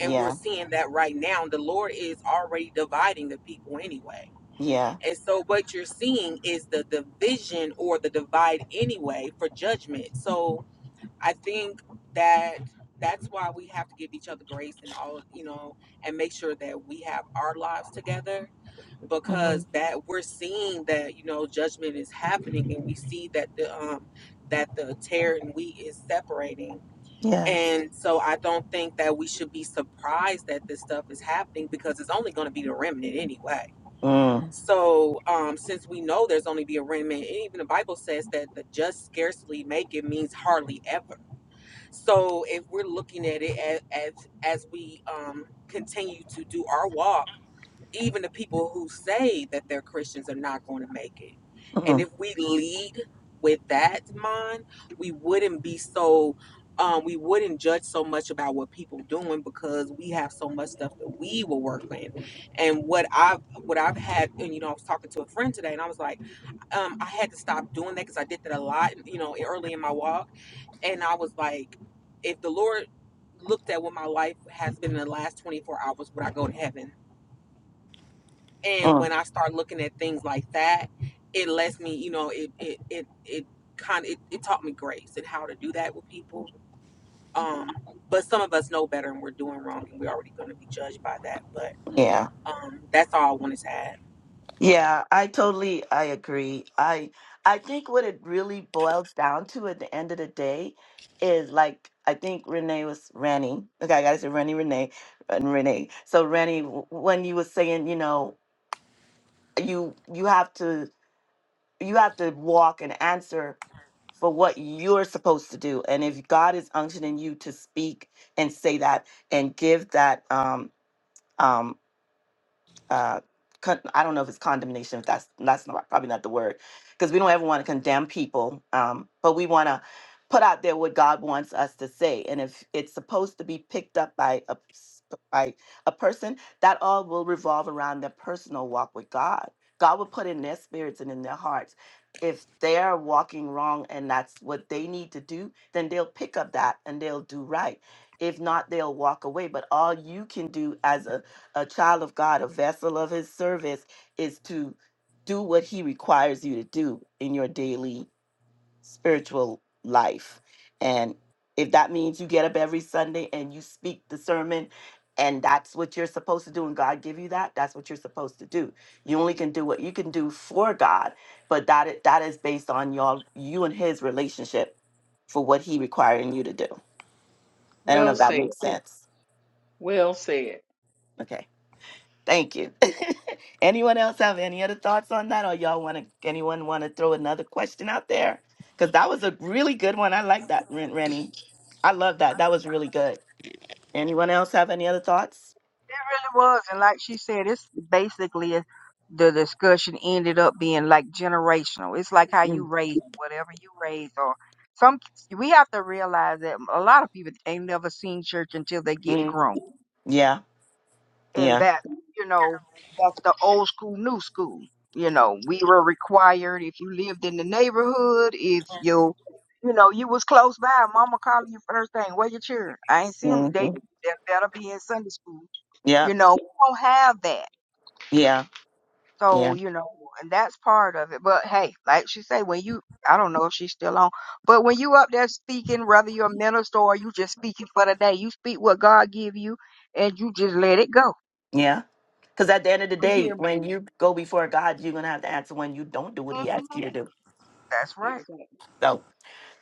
I: and we're seeing that right now. The Lord is already dividing the people anyway
B: Yeah.
I: and so what you're seeing is the division or the divide anyway for judgment. So I think that that's why we have to give each other grace and all, you know, and make sure that we have our lives together
B: hmm
I: because that we're seeing that, you know, judgment is happening and we see that the um that the tear and wheat is separating.
B: Yes.
I: And so I don't think that we should be surprised that this stuff is happening because it's only going to be the remnant anyway
B: Mm.
I: so, um, since we know there's only be a remnant, and even the Bible says that the just scarcely make it means hardly ever. So, if we're looking at it as as, as we um, continue to do our walk even the people who say that they're Christians are not going to make it. And
B: Mm.
I: if we lead with that in mind, we wouldn't be so um, we wouldn't judge so much about what people doing because we have so much stuff that we will work in. And what I've what I've had, and you know, I was talking to a friend today, and I was like, um, I had to stop doing that because I did that a lot, you know, early in my walk. And I was like, if the Lord looked at what my life has been in the last 24 hours, would I go to heaven? and
B: Mm.
I: when I start looking at things like that, it lets me, you know, it it it it kind of it, it taught me grace and how to do that with people. Um, but some of us know better and we're doing wrong and we're already going to be judged by that. But
B: yeah.
I: um, that's all I wanted to add.
B: Yeah, I totally I agree. I I think what it really boils down to at the end of the day is like I think Renee was Rennie. Okay, I gotta say Rennie, Renee, and Renee. So Rennie, w- when you were saying, you know, you you have to you have to walk and answer for what you're supposed to do, and if God is unctioning you to speak and say that and give that um um uh, con- I don't know if it's condemnation. If that's that's not, probably not the word, because we don't ever want to condemn people, um, but we want to put out there what God wants us to say. And if it's supposed to be picked up by a s- by a person, that all will revolve around their personal walk with God. God will put in their spirits and in their hearts. If they're walking wrong and that's what they need to do, then they'll pick up that and they'll do right. If not, they'll walk away. But all you can do as a a child of God, a vessel of his service, is to do what he requires you to do in your daily spiritual life. And if that means you get up every Sunday and you speak the sermon and that's what you're supposed to do and God give you that, that's what you're supposed to do. You only can do what you can do for God, but that i- that is based on y'all you and his relationship for what he requiring you to do. I don't know
F: Well
B: if that
F: said.
B: makes sense.
F: Well said.
B: Okay. Thank you. [LAUGHS] anyone else have any other thoughts on that, or y'all want to? Anyone want to throw another question out there? Because that was a really good one. I like that, Ren- Rennie. I love that. That was really good. Anyone else have any other thoughts?
C: It really was, and like she said, it's basically a, the discussion ended up being like generational. It's like how you
B: Mm,
C: raise whatever you raise, or some. We have to realize that a lot of people ain't never seen church until they get
B: mm,
C: grown.
B: yeah,
C: and
B: yeah,
C: that you know that's the old school new school you know we were required if you lived in the neighborhood if you you know you was close by mama calling you first thing where your children i ain't see them they
B: mhm,
C: they better be in sunday school
B: yeah,
C: you know we don't have that
B: yeah,
C: so
B: yeah,
C: you know and that's part of it but hey like she say when you i don't know if she's still on but when you up there speaking whether you're a minister or you just speaking for the day you speak what god give you and you just let it go
B: yeah. Because at the end of the
F: I'm
B: day,
F: here,
B: when
F: man.
B: you go before God, you're gonna have to answer when you don't do what He asks you to
C: Mhm.
B: do.
C: that's right
F: Exactly.
B: So.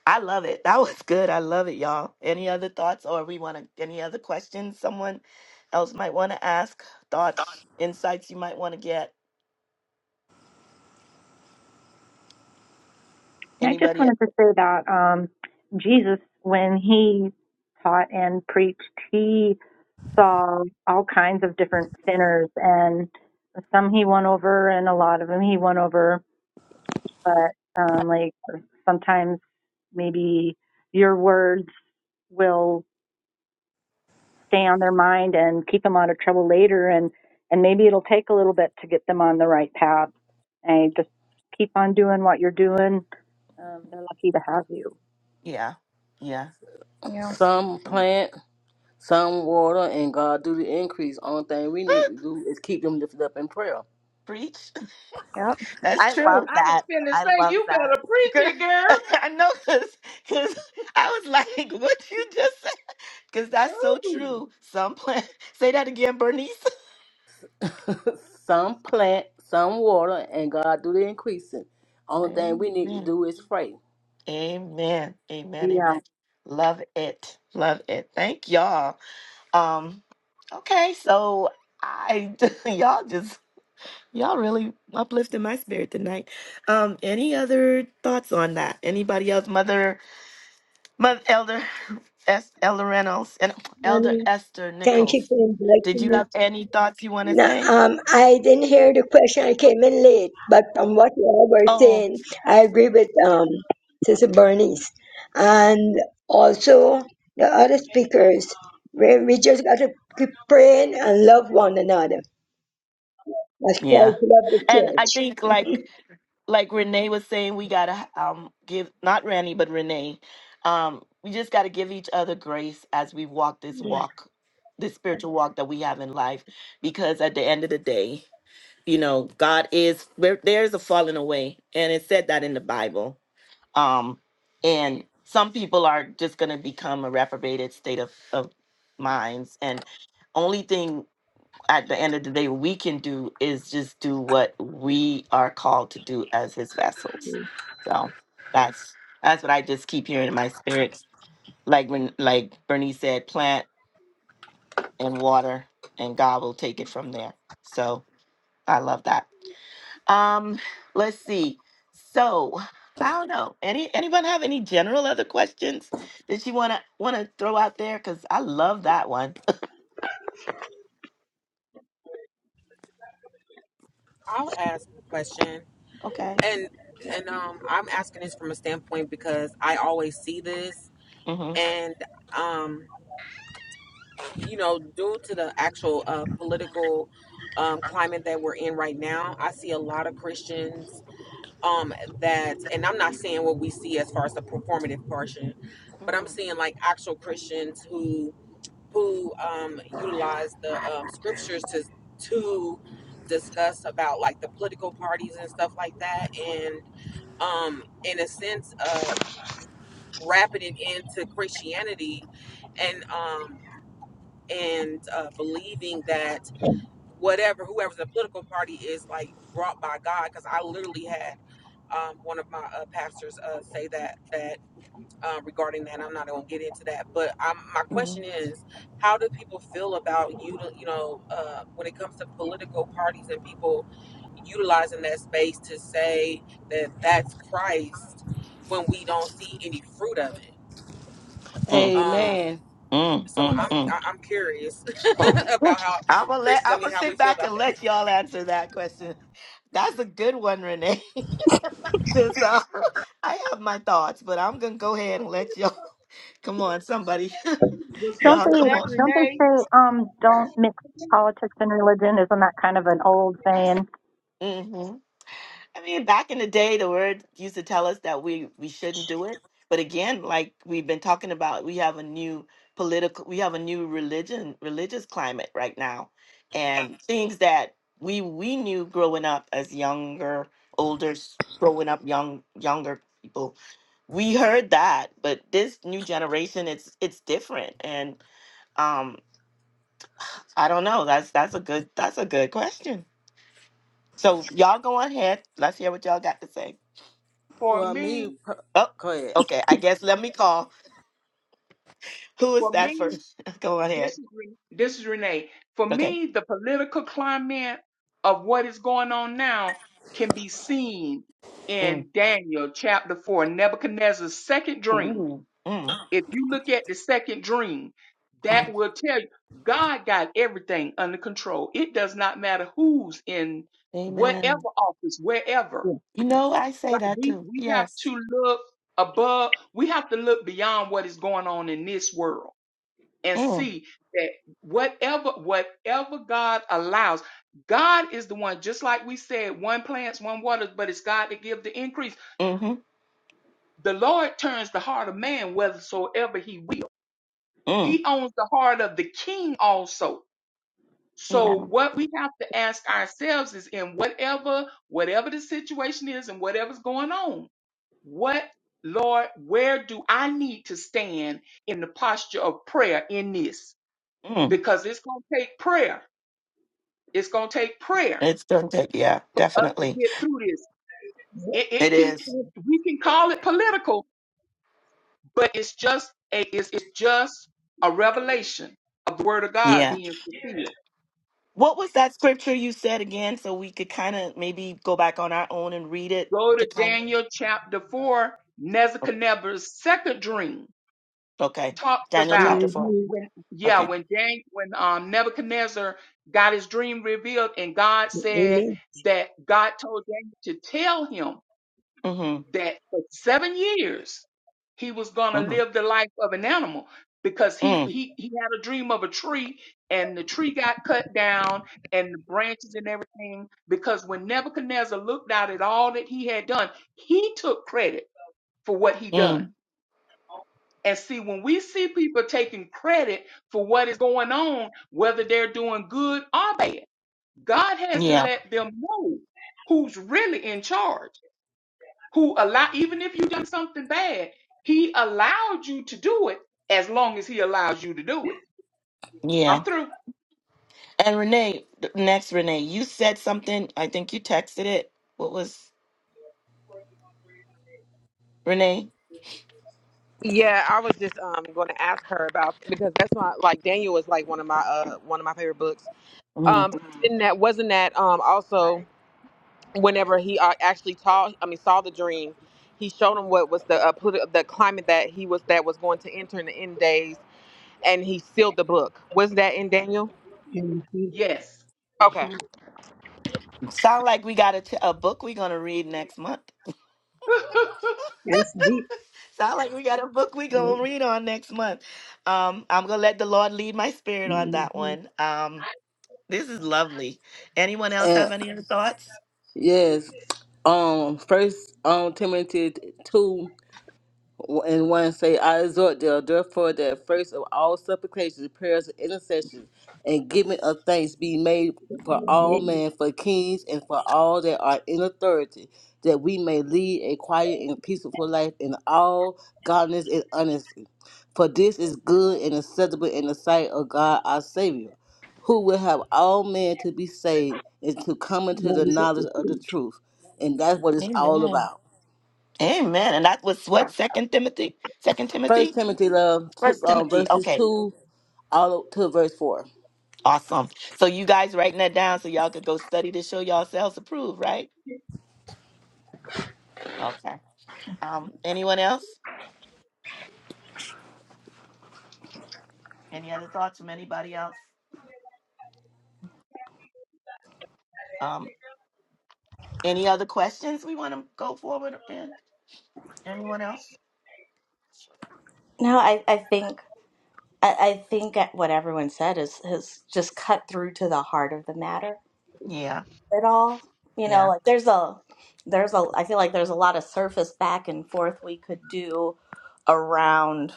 B: I love it. That was good. I love it, y'all. Any other thoughts or we want to any other questions someone else might want to ask? Thoughts, insights you might want to get?
E: I just
B: Anybody? e-
E: wanted to say that um, Jesus, when he taught and preached, he saw all kinds of different sinners, and some he won over, and a lot of them he won over. But um, like sometimes maybe your words will stay on their mind and keep them out of trouble later, and and maybe it'll take a little bit to get them on the right path. And just keep on doing what you're doing. Um, they're lucky to have you.
B: Yeah. Yeah.
D: Yeah.
B: That's-
A: Some plant Some water and God do the increase. Only thing we
B: [GASPS]
A: need to
B: [LAUGHS]
A: do is keep them lifted up in prayer.
B: Preach.
D: Yep.
B: That's
D: I
F: Well,
D: love
B: true.
F: I was
D: that.
F: finna
D: I
F: say
D: love
F: you
D: that.
F: better preach
B: Girl,
F: it,
B: [LAUGHS]
F: girl.
B: I know cuz cuz I was like [LAUGHS] what you just said cuz that's so
F: Ooh.
B: true. Some plan [LAUGHS] Say that again, Bernice.
A: [LAUGHS] some plant, some water, and God do the increasing. Only thing we need to
B: Amen.
A: do is pray.
B: Amen. Amen.
E: Yeah.
B: Amen. Love it. Love it. Thank y'all. Um, okay, so I [LAUGHS] y'all just y'all really uplifted my spirit tonight. Um, any other thoughts on that? Anybody else? Mother, mother, elder, [LAUGHS] S, elder Reynolds and elder
J: Mommy,
B: Esther
J: thank you
B: Nichols.
J: for
B: Did
J: inviting
B: you
J: me.
B: have any thoughts you want to
J: No,
B: say?
J: um, I didn't hear the question. I came in late, but from what you all were
B: Oh,
J: saying, I agree with um, Sister Bernice. And also the other speakers, we, we just got to keep praying and love one another. That's
B: yeah.
J: Christ love the
B: And I
J: church.
B: think like like Renee was saying, we gotta um give not Randy but Renee, um we just gotta give each other grace as we walk this walk, this spiritual walk that we have in life, because at the end of the day, you know, God is there. There's a falling away, and it said that in the Bible. Um, and some people are just gonna become a reprobated state of of minds, and only thing at the end of the day we can do is just do what we are called to do as his vessels so that's that's what i just keep hearing in my spirits like when like bernice said plant and water and god will take it from there so i love that um let's see so i don't know any anyone have any general other questions that you want to want to throw out there because i love that one
I: I'll ask a question,
B: [LAUGHS] okay
I: and and um, I'm asking this from a standpoint because I always see this,
B: mm-hmm.
I: and um, you know, due to the actual uh, political um, climate that we're in right now, I see a lot of Christians um that and i'm not saying what we see as far as the performative portion but i'm
B: Mm-hmm.
I: seeing like actual christians who who um utilize the um scriptures to to discuss about like the political parties and stuff like that and um in a sense uh wrapping it into christianity and um and uh believing that whatever whoever the political party is like brought by God because I literally had um, one of my uh, pastors uh, say that that uh, regarding that and I'm not gonna get into that but i my question is how do people feel about you you know uh, when it comes to political parties and people utilizing that space to say that that's Christ when we don't see any fruit of it
B: Mm-hmm. Mm,
I: um
A: Amen.
B: mm,
I: so
B: mm,
I: I'm
B: mm.
I: I- I'm curious [LAUGHS] about how
B: I'm gonna let
I: Christians I
B: I'm
I: mean
B: gonna
I: how we
B: sit
I: feel
B: back and
I: about that
B: let y'all answer that question. That's a good one, Renee. [LAUGHS] Since, uh, I have my thoughts, but I'm gonna go ahead and let y'all. [LAUGHS] Come on, somebody, [LAUGHS]
F: Was
E: Don't
B: y'all,
E: they
F: was
B: come
F: that
B: on.
E: don't they
F: Renee?
E: say um don't mix politics and religion? Isn't that kind of an old saying?
B: Mm-hmm. I mean, back in the day, the word used to tell us that we we shouldn't do it. But again, like we've been talking about, we have a new political, we have a new religion, religious climate right now, and things that we we knew growing up as younger, older, s- growing up young younger people, we heard that. But this new generation, it's it's different, and um, I don't know. That's that's a good that's a good question. So y'all go ahead. Let's hear what y'all got to say.
F: For
A: Well, me,
F: me,
A: per-
B: Oh,
A: go ahead.
B: okay. I guess let
F: um,
B: me call. Who is
F: for me,
B: that first? [LAUGHS] Go
F: this
B: ahead.
F: is Re- this is Renee. For
B: Okay.
F: me, the political climate of what is going on now can be seen
B: Mm.
F: in Daniel chapter four, Nebuchadnezzar's second dream
B: Ooh. Mm.
F: If you look at the second dream,
B: Mm.
F: that will tell you God got everything under control. It does not matter who's in
B: Amen.
F: whatever office,
E: Yeah.
F: wherever.
B: You know, I say
F: God-
B: that
F: We
B: too.
F: we have
B: Yes.
F: to look above, we have to look beyond what is going on in this world and
B: Mm.
F: see that whatever whatever God allows, God is the one, just like we said, one plants, one waters, but it's God that gives the increase.
B: Mm-hmm.
F: The Lord turns the heart of man whethersoever he will.
B: Mm.
F: He owns the heart of the king also.
B: Yeah.
F: So what we have to ask ourselves is in whatever whatever the situation is and whatever's going on, what Lord, where do I need to stand in the posture of prayer in this?
B: Mm.
F: Because it's going to take prayer. It's going to take prayer
B: It's going to take, yeah,
F: for us to
B: definitely.
F: get through this. It,
B: It
F: it can
B: is.
F: we can call it political, but it's just a it's, it's just a revelation of the word of God
B: Yeah.
F: being fulfilled.
B: What was that scripture you said again? So we could kind of maybe go back on our own and read it
F: Go
B: to
F: to
B: kind
F: Daniel chapter 4.
B: of.
F: Nebuchadnezzar's second dream
B: Okay.
F: talks
B: Daniel
F: about
B: chapter 4.
J: Mm-hmm.
F: when, yeah,
B: Okay.
F: when Dan, when um, Nebuchadnezzar got his dream revealed and God said
J: Amen.
F: that God told Daniel to tell him
B: Mm-hmm.
F: that for seven years he was going to
B: Mm-hmm.
F: live the life of an animal because he,
B: Mm.
F: he he had a dream of a tree and the tree got cut down and the branches and everything because when nebuchadnezzar looked out at all that he had done he took credit for what he done
B: Mm.
F: and see when we see people taking credit for what is going on whether they're doing good or bad god has to
B: Yeah.
F: let them know who's really in charge who allow even if you done something bad, he allowed you to do it as long as he allows you to do it.
B: Yeah.
F: I'm through.
B: And Renee, th- next Renee, you said something. I think you texted it. What was Renee?
I: Yeah, I was just um going to ask her about because that's my like Daniel was like one of my uh one of my favorite books.
B: Mm.
I: Um, in that wasn't that um also whenever he uh, actually saw I mean saw the dream, he showed him what was the uh, politi- the climate that he was that was going to enter in the end days, and he sealed the book. Was that in Daniel?
J: hmm
F: Yes.
I: Okay.
B: Sound like we got a, t- a book we gonna read next month.
F: [LAUGHS]
B: [LAUGHS]
J: That's deep.
B: Sound like we got a book we gonna
J: Mm-hmm.
B: read on next month. Um, I'm gonna let the Lord lead my spirit on that
J: Amen.
B: one. Um, this is lovely. Anyone else
A: And
B: have any other thoughts?
A: yes, um, First um Timothy two and one say, I exhort thee, therefore, that first of all supplications, prayers, and intercessions, and giving of thanks be made for all men, for kings, and for all that are in authority, that we may lead a quiet and peaceful life in all godliness and honesty. For this is good and acceptable in the sight of God our Savior, who will have all men to be saved and to come into
J: That
A: the
J: is what
A: knowledge
J: you
A: of the
J: preach.
A: truth. And that's what it's all
B: Amen.
A: about.
B: Amen. And that was what Second Timothy, Second
A: First
B: Timothy,
A: Timothy love two,
B: First
A: um,
B: Timothy.
A: verses
B: okay.
A: two all up to verse four.
B: Awesome. So you guys writing that down so y'all could go study to show yourselves approved, right? Okay. Um, anyone else? Any other thoughts from anybody else? Um, any other questions we want to go forward in? Anyone else?
D: No, I, I think I, I think that what everyone said is has just cut through to the heart of the matter
B: Yeah,
D: at all. You know,
B: yeah.
D: like there's a there's a I feel like there's a lot of surface back and forth we could do around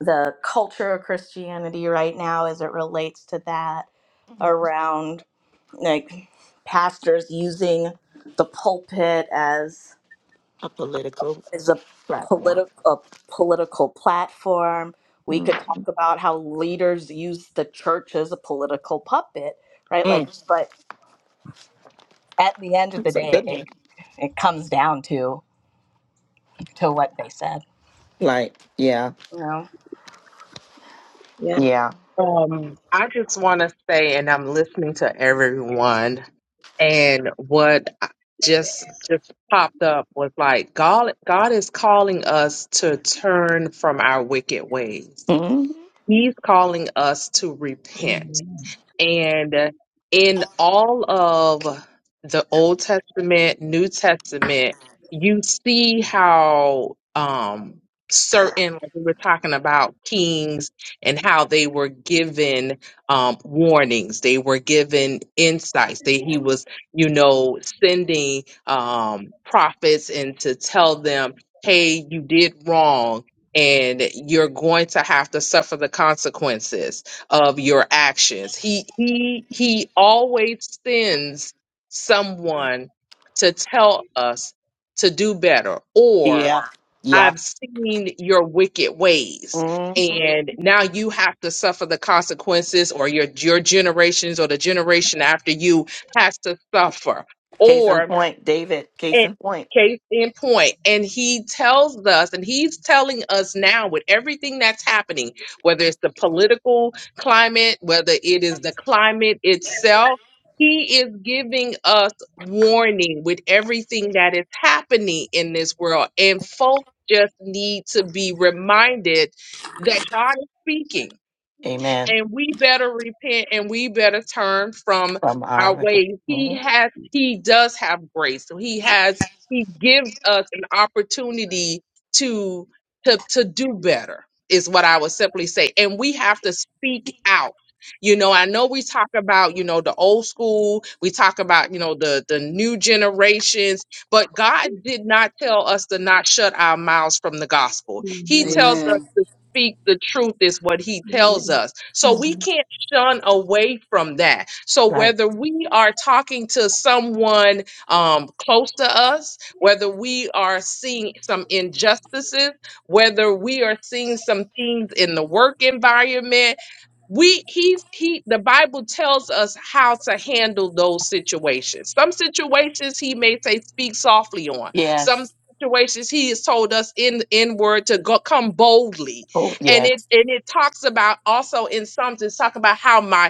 D: the culture of Christianity right now as it relates to that,
B: Mhm.
D: around like pastors using the pulpit as.
B: A political
D: is a
B: platform.
D: political a political platform. We
B: hmm
D: could talk about how leaders use the church as a political puppet, right? Like,
B: Mm,
D: but at the end of the
B: that's a
D: day,
B: good
D: it,
B: one.
D: it comes down to to what they said.
B: Like, yeah,
D: You know.
J: Yeah.
B: yeah,
G: Um, I just want to say, and I'm listening to everyone, and what I- just just popped up was like God, God is calling us to turn from our wicked ways.
B: hmm
G: He's calling us to repent.
J: Amen.
G: And in all of the Old Testament, New Testament, you see how um, certain, like we were talking about kings and how they were given um, warnings, they were given insights. They, he was, you know, sending um, prophets and to tell them, hey, you did wrong and you're going to have to suffer the consequences of your actions. He he he always sends someone to tell us to do better or
B: yeah, yeah.
G: I've seen your wicked ways
B: hmm
G: and now you have to suffer the consequences or your your generations or the generation after you has to suffer.
B: Case in
G: Or
B: point, David. Case
G: and
B: in point.
G: case in point, and he tells us, and he's telling us now with everything that's happening, whether it's the political climate, whether it is the climate itself, he is giving us warning with everything that is happening in this world. And folks just need to be reminded that God is speaking
B: Amen.
G: and we better repent and we better turn from
B: From
G: our
B: our.
G: ways. He
B: Mhm.
G: has, he does have grace. So he has, he gives us an opportunity to, to, to do better is what I would simply say. And we have to speak out. You know, I know we talk about, you know, the old school, we talk about, you know, the the new generations, but God did not tell us to not shut our mouths from the gospel. He tells
J: Amen.
G: us
A: Amen.
G: to speak the truth is what he tells us. So we
B: Mhm.
G: can't shun away from that. So
B: Right.
G: whether we are talking to someone um, close to us, whether we are seeing some injustices, whether we are seeing some things in the work environment, we he's he the bible tells us how to handle those situations some situations he may say speak softly on some
B: Yes.
G: situations he has told us in in word to go come boldly
B: Oh,
G: and it
B: yes.
G: and it talks about also in Psalms it's talking about how my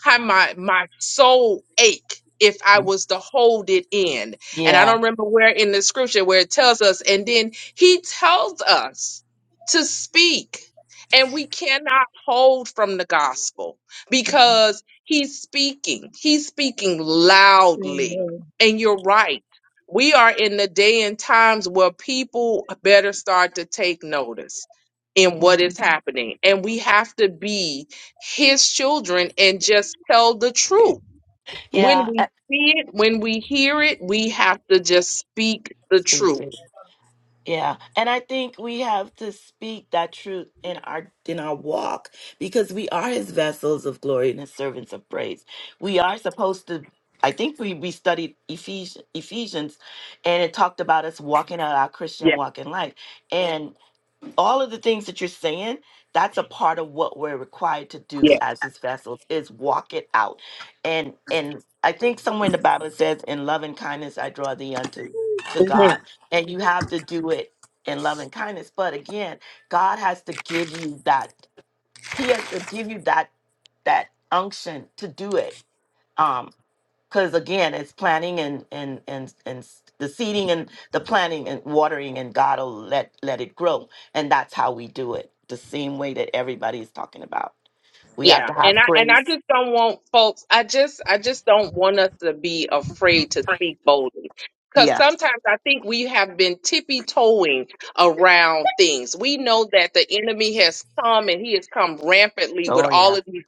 G: how my my soul ache if I
B: Mm.
G: was to hold it in. And I
B: Yeah.
G: don't remember where in the scripture where it tells us, and then he tells us to speak. And we cannot hold from the gospel because he's speaking. He's speaking loudly.
J: Amen.
G: And you're right. We are in the day and times where people better start to take notice in what is
B: Mhm.
G: happening. And we have to be his children and just tell the truth. When
B: Yeah.
G: we see it, when we hear it, we have to just speak the truth.
B: Absolutely. Yeah. And I think we have to speak that truth in our in our walk because we are his vessels of glory and his servants of praise. We are supposed to I think we, we studied Ephes- Ephesians and it talked about us walking out our Christian
G: Yeah,
B: walk in life. and. all of the things that you're saying that's a part of what we're required to do as his vessels is walk it out and and i think somewhere in the bible it says in love and kindness i draw thee unto to
G: yeah.
B: god and you have to do it in love and kindness but again god has to give you that he has to give you that that unction to do it um, because again it's planning and and and and s- the seeding and the planting and watering and god will let let it grow and that's how we do it the same way that everybody is talking about we have
G: Yeah,
B: to
G: and
B: have
G: I and I
B: grace
G: just don't want folks. I just I just don't want us to be afraid to speak boldly. Because
B: yes
G: sometimes I think we have been tippy toeing around things. We know that the enemy has come and he has come rampantly with
B: oh
G: all
B: yeah
G: of these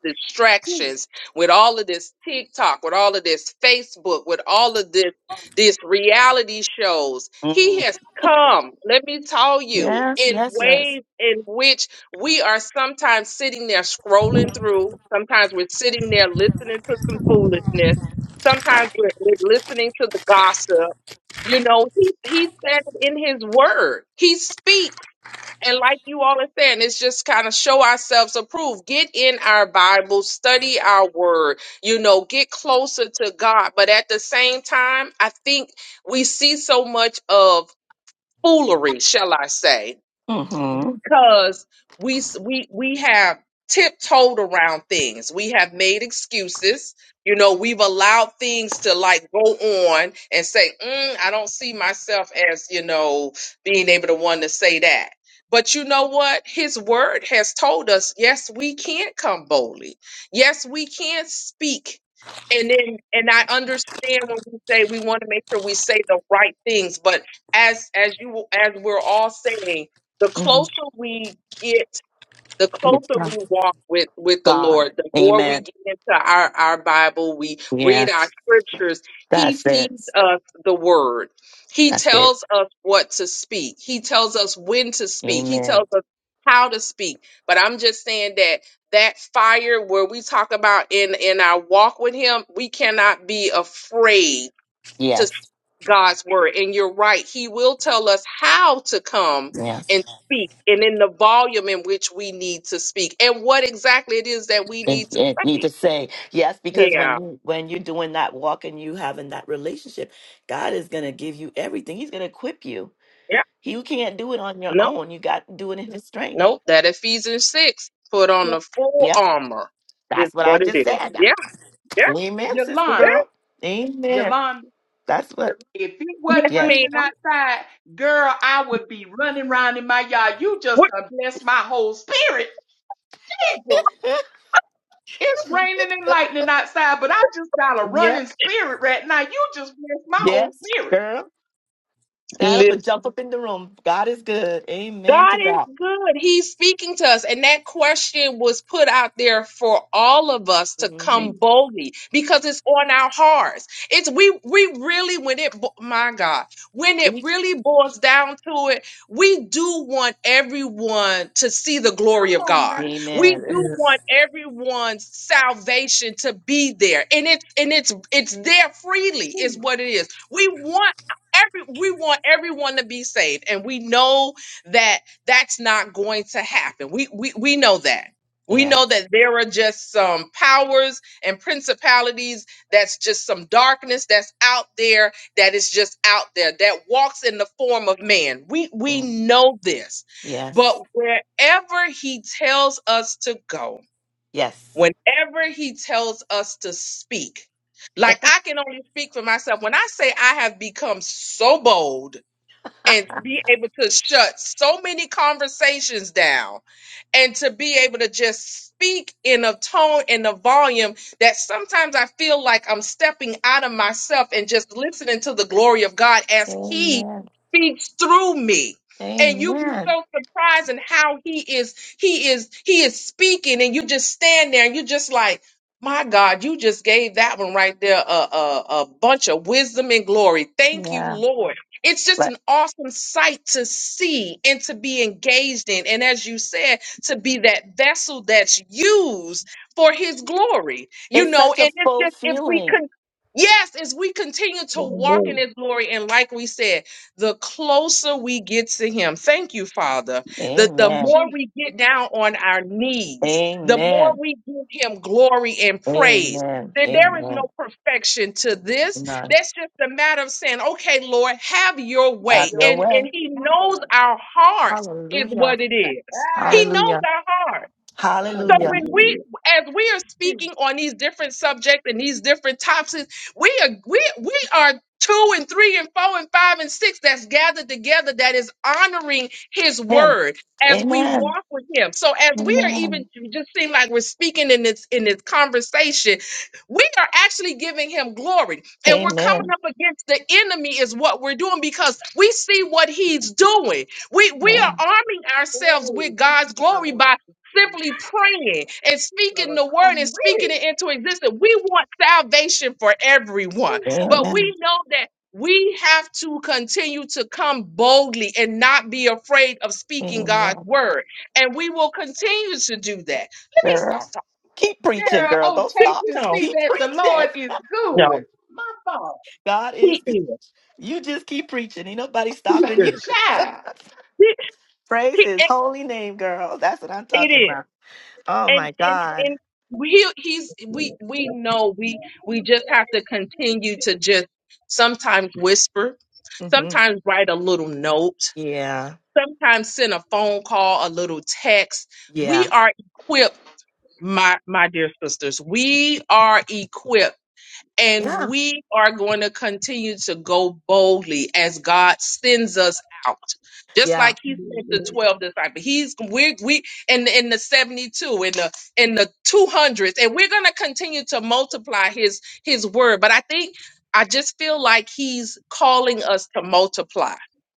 F: Gee,
G: distractions, with all of this TikTok, with all of this Facebook, with all of this this reality shows. He
B: Mm.
G: has come, let me tell you,
B: yes
G: in
B: yes yes
G: ways in which we are sometimes sitting there scrolling through. Sometimes we're sitting there listening to some foolishness. Sometimes we're, we're listening to the gossip. You know, he, he said it in his word. He speaks. And like you all are saying, it's just kind of show ourselves approved. Get in our Bible, study our word, you know, get closer to God. But at the same time, I think we see so much of foolery, shall I say
B: mm-hmm,
G: because we s- we we have tiptoed around things. We have made excuses. You know, we've allowed things to like go on and say, mm, "I don't see myself as you know being able to one to say that." But you know what? His word has told us, yes, we can come boldly. Yes, we can speak. And then, and I understand when we say we want to make sure we say the right things, but as as you as we're all saying, the
B: mm-hmm.
G: closer we get the
B: it's
G: closer
B: not
G: we walk with with the
B: god
G: lord the more we
B: amen
G: get into our our bible we read our
B: yes
G: scriptures he
B: that's it
G: feeds us the word he
B: that's it
G: tells us what to speak he tells us when to speak he
B: amen
G: tells us how to speak but i'm just saying that that fire where we talk about in in our walk with him we cannot be afraid
B: yes
G: God's word. And you're right. He will tell us how to come
B: yes
G: and speak and in the volume in which we need to speak and what exactly it is that we
B: and,
G: need to
B: and need to
G: say.
B: say yes because when
G: Yeah.
B: you when you're doing that walk and you having that relationship god is going to give you everything he's going to equip you
G: Yeah.
B: you can't do it on your
G: No,
B: own you got to do it in his strength
G: no, that Ephesians 6, put on
F: Y-
G: the full
B: yep
G: armor is
B: that's what i
G: what it
B: just
G: is.
B: said
G: Yeah. Yeah.
B: amen sister
G: yeah.
F: Yolanda.
B: girl amen
F: Yolanda.
B: that's what
F: If it
G: Yes,
F: wasn't
B: yes
F: raining
G: ma'am.
F: outside, girl, I would be running around in my yard. You just
G: What?
F: done blessed my whole spirit. Pickles.
B: [LAUGHS]
F: It's raining and lightning outside, but I just got a
B: yep
F: running spirit right now. You just blessed my whole
B: yes
F: spirit.
B: girl stand up and jump up in the room god is good amen
G: God
B: to
G: is
B: that
G: good. He's speaking to us. And that question was put out there for all of us to
B: hmm
G: come
F: Jeez,
G: boldly because it's on our hearts. It's we we really when it bo- my God, when it really boils down to it, we do want everyone to see the glory of
F: come on
G: God.
F: now.
G: We
B: amen
G: do
A: Yes.
G: want everyone's salvation to be there. And it's and it's it's there freely is what it is. We want every we want everyone to be saved and we know that that's not going to happen. We we we know that. We
B: yes
G: know that there are just some powers and principalities that's just some darkness that's out there that is just out there that walks in the form of man. We we
B: Mm,
G: know this. But
B: yes
G: wherever he tells us to go,
B: yes
G: whenever he tells us to speak,
B: [LAUGHS]
G: like I can only speak for myself. When I say I have become so bold and be able to shut so many conversations down and to be able to just speak in a tone and a volume that sometimes I feel like I'm stepping out of myself and just listening to the glory of God as He
B: Amen.
G: speaks through me. And you be
B: Amen.
G: so surprised in how he is, he is, he is speaking, and you just stand there and you just like, my God, you just gave that one right there a, a, a bunch of wisdom and glory. Thank you,
B: Yeah.
G: Lord it's just
B: But
G: an awesome sight to see and to be engaged in. And as you said, to be that vessel that's used for his glory, you
B: it's
G: know,
B: such a
G: and it's
B: full
G: just if we
B: feeling.
G: can. Yes, as we continue to walk in
J: Amen.
G: his glory, and like we said, the closer we get to him, thank you, Father, that the
B: Amen.
G: more
F: Jeez,
G: we get down on our knees, the more
B: Amen.
G: we give him glory and praise,
B: Amen.
G: that there is no
B: Amen.
G: perfection to this,
B: None.
G: that's just a matter of saying, okay, Lord, have your way.
B: Have your
G: And
F: wait,
G: and
B: way.
G: he
F: my
G: knows
F: God.
G: our hearts is
B: Hallelujah.
G: what it is. He
F: Ah,
G: knows
B: Hallelujah.
G: our heart. So when
B: Hallelujah.
G: we,
J: Hallelujah.
G: as we are speaking on these different subjects and these different topics, we are we we are two and three and four and five and six that's gathered together that is honoring His
B: Him.
G: word as we
B: Amen.
G: walk with Him. So as we are even
B: Amen.
G: it just seem like we're speaking in this in this conversation, we are actually giving Him glory, and we're coming
B: Amen.
G: up against the enemy is what we're doing because we see what He's doing. We we
B: Yeah.
G: are arming
F: Hey,
G: ourselves with
F: these
G: God's glory
F: Bibles
G: by
F: is really
G: simply
F: good stuff.
G: praying and
F: You
G: speaking
F: gotta
G: the word
F: come
G: and
F: with
G: speaking
F: it,
G: it into existence. We want salvation for everyone,
F: Jesus.
G: but
B: Amen.
G: we know that we have to continue to come boldly and not be afraid of speaking God's
B: Amen.
G: word. And we will continue to do that. Let me
B: Girl.
G: stop talking.
B: Keep preaching,
F: Girl,
B: girl.
F: oh,
B: Don't
F: taste
B: stop.
F: and
G: No,
F: see
B: Keep
F: that the
B: preaching.
F: Lord is good.
G: no,
F: My father.
B: God is
G: he is.
B: you just keep preaching. Ain't nobody
G: He
B: stopping you.
G: is.
B: [LAUGHS]
F: Child.
G: He-
B: Praise
G: he-
B: his
G: it
B: holy name, girl. That's what I'm
G: it
B: talking
G: is.
B: about. Oh my
G: And, and,
B: God.
G: and, we he's we we know we we just have to continue to just sometimes whisper
B: hmm
G: sometimes write a little note,
B: Yeah.
G: sometimes send a phone call, a little text. We
B: Yeah.
G: are equipped, my my dear sisters. We are equipped and
B: Yeah.
G: we are going to continue to go boldly as God sends us out. Just
B: Yeah.
G: like he sent the
J: Amen.
G: 12 disciples. He's we we in the, in the 72 in the in the 200s and we're going to continue to multiply his his word, but I think I just feel like he's calling us to multiply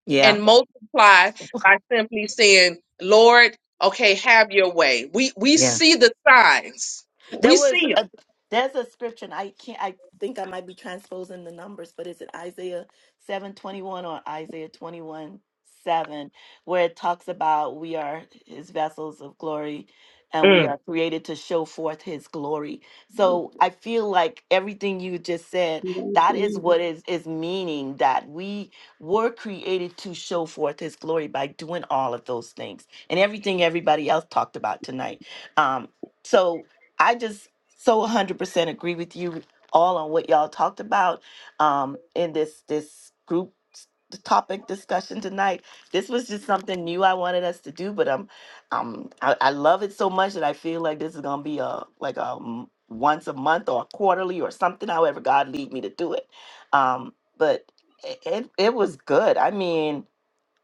B: Yeah.
G: and multiply by simply saying, Lord, okay, have your way. We we
B: Yeah.
G: see the signs.
B: There
G: We
B: was
G: see
B: a there's a scripture and I can't I think I might be transposing the numbers, but is it Isaiah seven twenty one or Isaiah twenty one seven where it talks about we are his vessels of glory and we
G: them.
B: are created to show forth his glory. So I feel like everything you just said,
J: Thank
B: that is
J: you.
B: what is is meaning that we were created to show forth his glory by doing all of those things and everything everybody else talked about tonight. Um so I just so 100% agree with you all on what y'all talked about um, in this this group s- the topic discussion tonight. This was just something new I wanted us to do, but um, um, I, I love it so much that I feel like this is gonna be a like a m- once a month or quarterly or something. However, God lead me to do it. Um, but it, it it was good. I mean,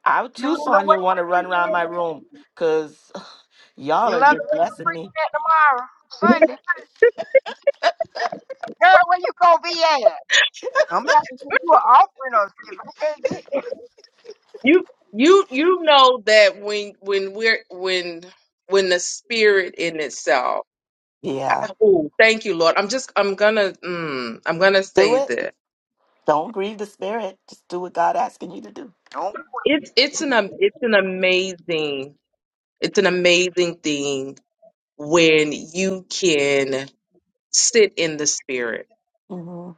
B: I
C: You love
B: too,
C: the
B: Sonya,
C: way
B: want to run around my room because [SIGHS]
C: you
B: y'all are
C: love the
B: just
C: way you
B: blessing me.
C: preaching that tomorrow, Sunday. Girl, where you gonna be at? I'm about to give you an offering or if I can't get it.
G: You you you know that when when we're when when the spirit in itself.
B: Yeah,
G: I, oh, thank you, Lord. I'm just I'm gonna mm, I'm gonna
B: do
G: say
B: it.
G: that
B: Don't grieve the spirit. Just do what God asking you to do.
C: Don't
G: it's it's an am- it's an amazing it's an amazing thing when you can sit in the spirit
B: hmm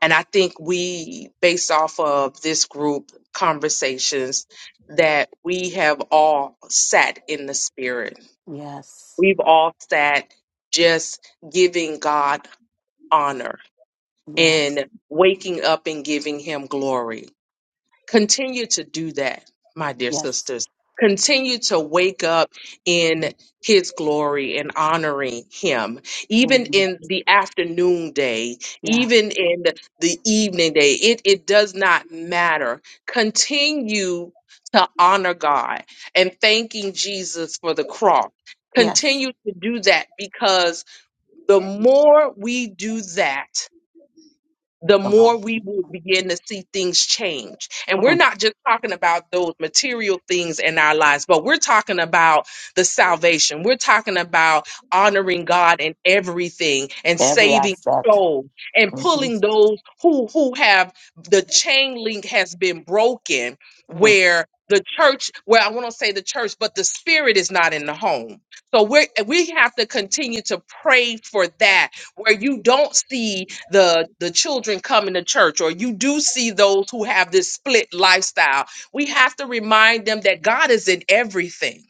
G: And I think we, based off of this group conversations, that we have all sat in the spirit.
B: Yes.
G: We've all sat just giving God honor
B: Yes.
G: and waking up and giving him glory. Continue to do that, my dear
B: Yes.
G: sisters. Continue to wake up in his glory and honoring him, even
B: Mhm.
G: in the afternoon day,
B: Yeah.
G: even in the the evening day. It, it does not matter. Continue to honor God and thanking Jesus for the cross.
B: Yes.
G: Continue to do that because the more we do that, the
B: Come on.
G: more we will begin to see things change. And we're
B: Mm.
G: not just talking about those material things in our lives, but we're talking about the salvation. We're talking about honoring God in everything and
B: Every
G: saving
B: aspect.
G: souls and
B: Mm-hmm.
G: pulling those who who have the chain link has been broken where the church well i want to say the church but the spirit is not in the home so we we have to continue to pray for that where you don't see the the children coming to church or you do see those who have this split lifestyle we have to remind them that god is in everything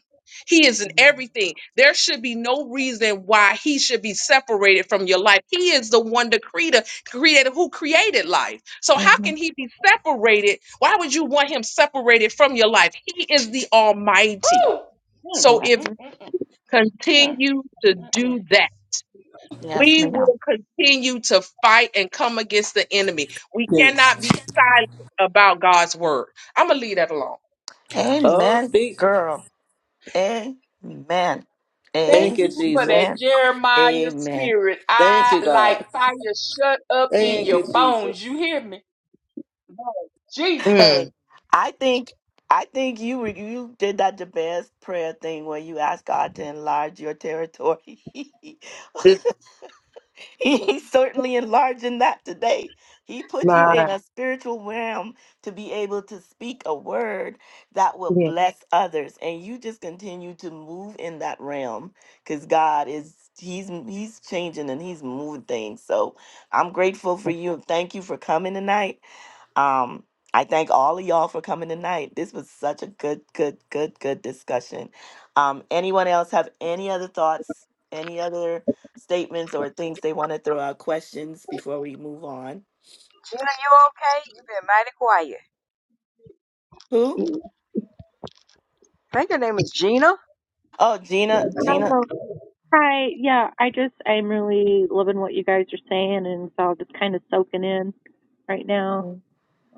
G: he is in
B: Mm-hmm.
G: everything there should be no reason why he should be separated from your life he is the one the creator created who created life so how
B: Mm-hmm.
G: can he be separated why would you want him separated from your life he is the almighty
F: Ooh. Mm, mm,
G: so
B: Yes.
G: if
F: mm, mm, mm,
G: continue to
F: mm, mm.
G: do that
B: Yes,
G: we
B: ma'am.
G: will continue to fight and come against the enemy. We cannot
A: Yes.
G: be silent about God's word. I'm gonna leave that alone.
A: Oh,
B: Amen,
A: speak.
B: girl. Amen.
F: Thank
A: Thank you,
F: you for that
A: Jesus.
B: Amen.
F: Jeremiah
B: Amen.
F: spirit.
A: Thank
F: I
A: you,
F: like
A: God.
F: fire shut up in
A: Thank you,
F: your bones.
A: Jesus.
F: You hear me? Lord Jesus.
G: Mm,
B: Hey, I think I think you were- you did that the best prayer thing where you asked God to enlarge your territory.
G: this
B: [LAUGHS]
G: is
B: [LAUGHS] He's certainly enlarging that today. He put you
G: my
B: in a spiritual realm to be able to speak a word that will
G: yeah.
B: bless others, and you just continue to move in that realm because God is he's he's changing and he's moving things. So I'm grateful for you and thank you for coming tonight. Um, I thank all of y'all for coming tonight. This was such a good, good, good, good discussion. Um, anyone else have any other thoughts? Any other? statements or things they want to throw out questions before we move on.
C: Gina, you okay? You've been mighty quiet.
B: Who?
C: I think her name is Gina.
B: Oh, Gina. Gina.
E: Oh, hi. Yeah, I just I'm really loving what you guys are saying, and so I'm just kind of soaking in right now.
B: Mhm.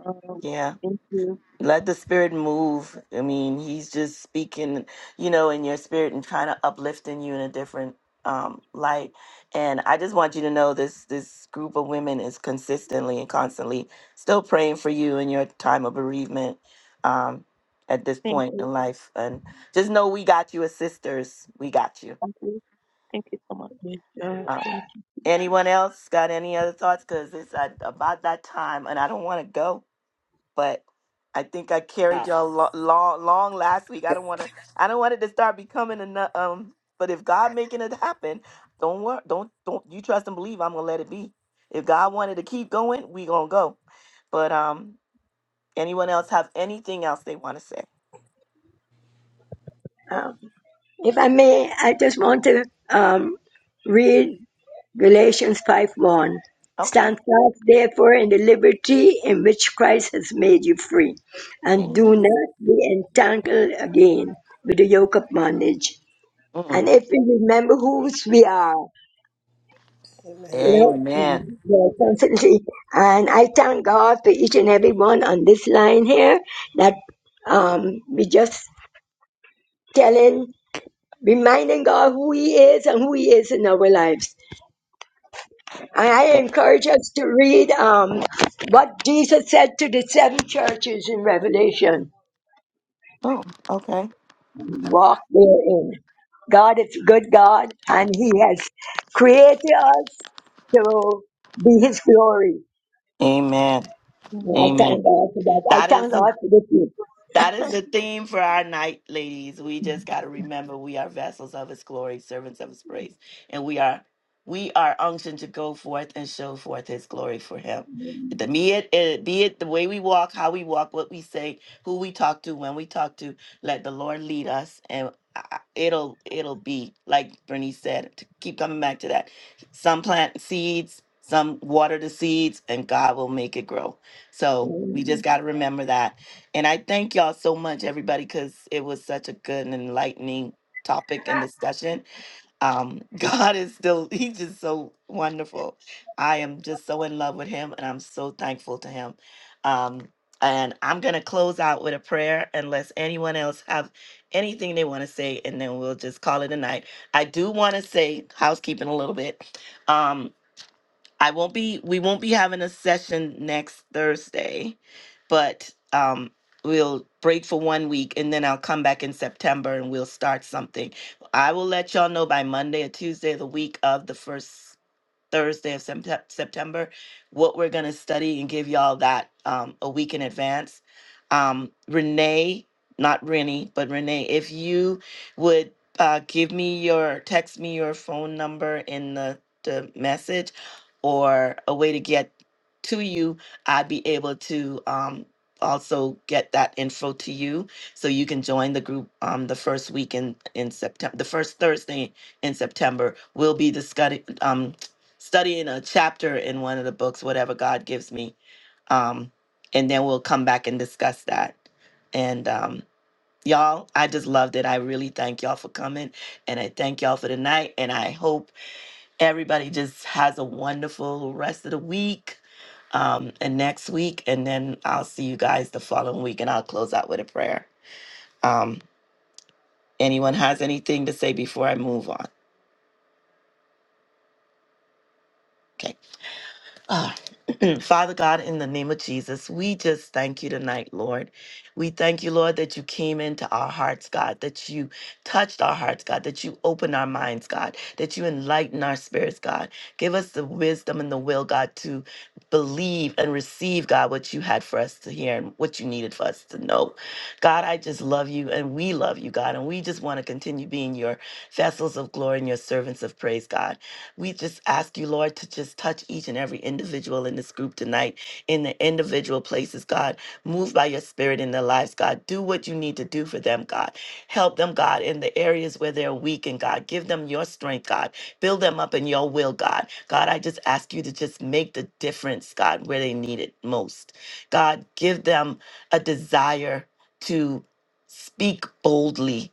E: Um,
B: Yeah.
E: thank you,
B: Let the spirit move. I mean, he's just speaking, you know, in your spirit and trying to uplifting you in a different um light. And I just want you to know this this group of women is consistently and constantly still praying for you in your time of bereavement um at this
E: thank
B: point
E: you,
B: in life. And just know we got you as sisters. We got you.
E: thank you, thank you so much.
J: Amen. Uh,
B: Um, Anyone else got any other thoughts? Because it's uh, about that time, and I don't want to go, but I think I carried
A: God.
B: y'all lo- long, long last week. I don't want to. I don't want it to start becoming a nu- um. But if God making it happen, don't worry. Don't don't you trust and believe. I'm gonna let it be. If God wanted to keep going, we gonna go. But um, anyone else have anything else they want to say?
J: um, If I may, I just want to um, read Galatians 5 1.
B: Okay.
J: Stand fast, therefore, in the liberty in which Christ has made you free, and do
B: Amen.
J: not be entangled again with the yoke of bondage.
B: Mm.
J: And if we remember whose we are, you know,
B: Amen.
J: yeah, constantly. And I thank God for each and every one on this line here that um, we just telling, reminding God who He is and who He is in our lives. And I
B: Eh,
J: encourage us to read um, what Jesus said to the seven churches in Revelation.
B: Oh, okay.
J: Walk therein. God is a good God, and He has created us to be His glory.
B: Amen.
J: And I
E: Amen.
B: Amen.
J: thank God for that. I
B: That is
J: thank God for this.
B: That is the theme for our night, ladies. We just got to remember we are vessels of his glory, servants of his praise, and we are we are unctioned to go forth and show forth his glory for him. The, be, it, it- be it the way we walk, how we walk, what we say, who we talk to, when we talk to, let the Lord lead us and I- I- it'll it'll be like Bernice said, to keep coming back to that. Some plant seeds, some water the seeds, and God will make it grow. So we just got to remember that and I thank y'all so much, everybody, because it was such a good and enlightening topic and discussion. Um, [LAUGHS] God is still, he's just so wonderful. I am just so in love with him and I'm so thankful to him. Um, and I'm going to close out with a prayer unless anyone else have anything they want to say, and then we'll just call it a night. I do want to say housekeeping a little bit. um, I won't be we won't be having a session next Thursday, but um we'll break for one week and then I'll come back in September and we'll start something. I will let y'all know by Monday or Tuesday the week of the first Thursday of Septem- September, what we're going to study and give y'all that um, a week in advance. Um, Renee, not Rennie, but Renee, if you would uh, give me your, text me your phone number in the, the message or a way to get to you, I'd be able to um, also get that info to you so you can join the group um, the first week in, in September, the first Thursday in September. We'll be discussing. Um, studying a chapter in one of the books, whatever God gives me. Um, and then we'll come back and discuss that. And um, y'all, I just loved it. I really thank y'all for coming and I thank y'all for the night. And I hope everybody just has a wonderful rest of the week um, and next week. And then I'll see you guys the following week and I'll close out with a prayer. Um, anyone has anything to say before I move on? Okay. Ah, [CLEARS THROAT] Father God, in the name of Jesus, we just thank you tonight, Lord. We thank you, Lord, that you came into our hearts, God, that you touched our hearts, God, that you opened our minds, God, that you enlighten our spirits, God. Give us the wisdom and the will, God, to believe and receive, God, what you had for us to hear and what you needed for us to know. God, I just love you and we love you, God, and we just want to continue being your vessels of glory and your servants of praise, God. We just ask you, Lord, to just touch each and every individual in this group tonight, in the individual places, God. Move by your spirit in their lives, God. Do what you need to do for them, God. Help them, God, in the areas where they're weak, and God, give them your strength, God. Build them up in your will, God. God, I just ask you to just make the difference, God, where they need it most. God, give them a desire to speak boldly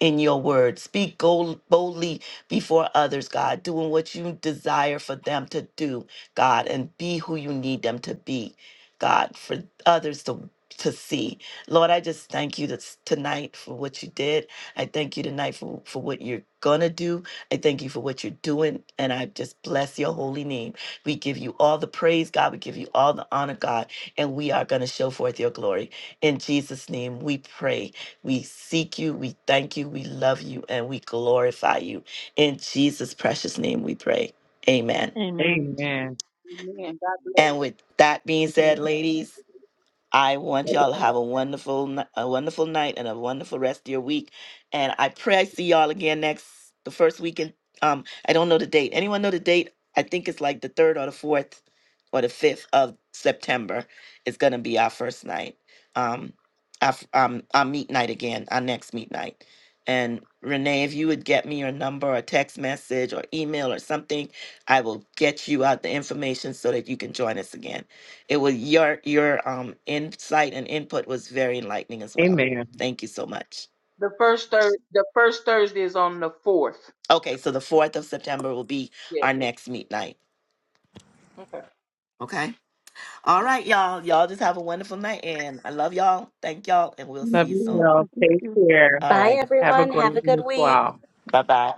B: in your word. Speak gold, boldly before others, God, doing what you desire for them to do, God, and be who you need them to be, God, for others to to see. Lord, I just thank you this, tonight for what you did. I thank you tonight for, for what you're going to do. I thank you for what you're doing. And I just bless your holy name. We give you all the praise, God. We give you all the honor, God. And we are going to show forth your glory. In Jesus' name, we pray. We seek you, we thank you, we love you, and we glorify you. In Jesus' precious name we pray. Amen.
E: Amen.
G: Amen.
F: Amen. God bless.
B: And with that being said, ladies, I want y'all to have a wonderful, ni- a wonderful night and a wonderful rest of your week. And I pray I see y'all again next the first weekend. Um, I don't know the date. Anyone know the date? I think it's like the third or the fourth or the fifth of September. It's gonna be our first night. Um, our, f- um, our meet night again. Our next meet night. And Renee, if you would get me your number or text message or email or something, I will get you out the information so that you can join us again. It was your your um insight and input was very enlightening as well.
G: Amen.
B: Thank you so much.
F: The first thir- the first Thursday is on the fourth.
B: Okay, so the 4th of September will be our
F: Yeah.
B: next meet night. Okay. All right, y'all. Y'all just have a wonderful night and I love y'all. Thank y'all and we'll
E: Thank
B: see
G: Love
B: you
G: you
E: you.
B: soon.
G: all.
E: Thank
G: Take
E: you.
G: care.
B: All
D: Bye,
B: right.
G: Have a
D: everyone. Have a
G: great
D: good
G: week.
D: week.
G: Wow.
B: Bye-bye.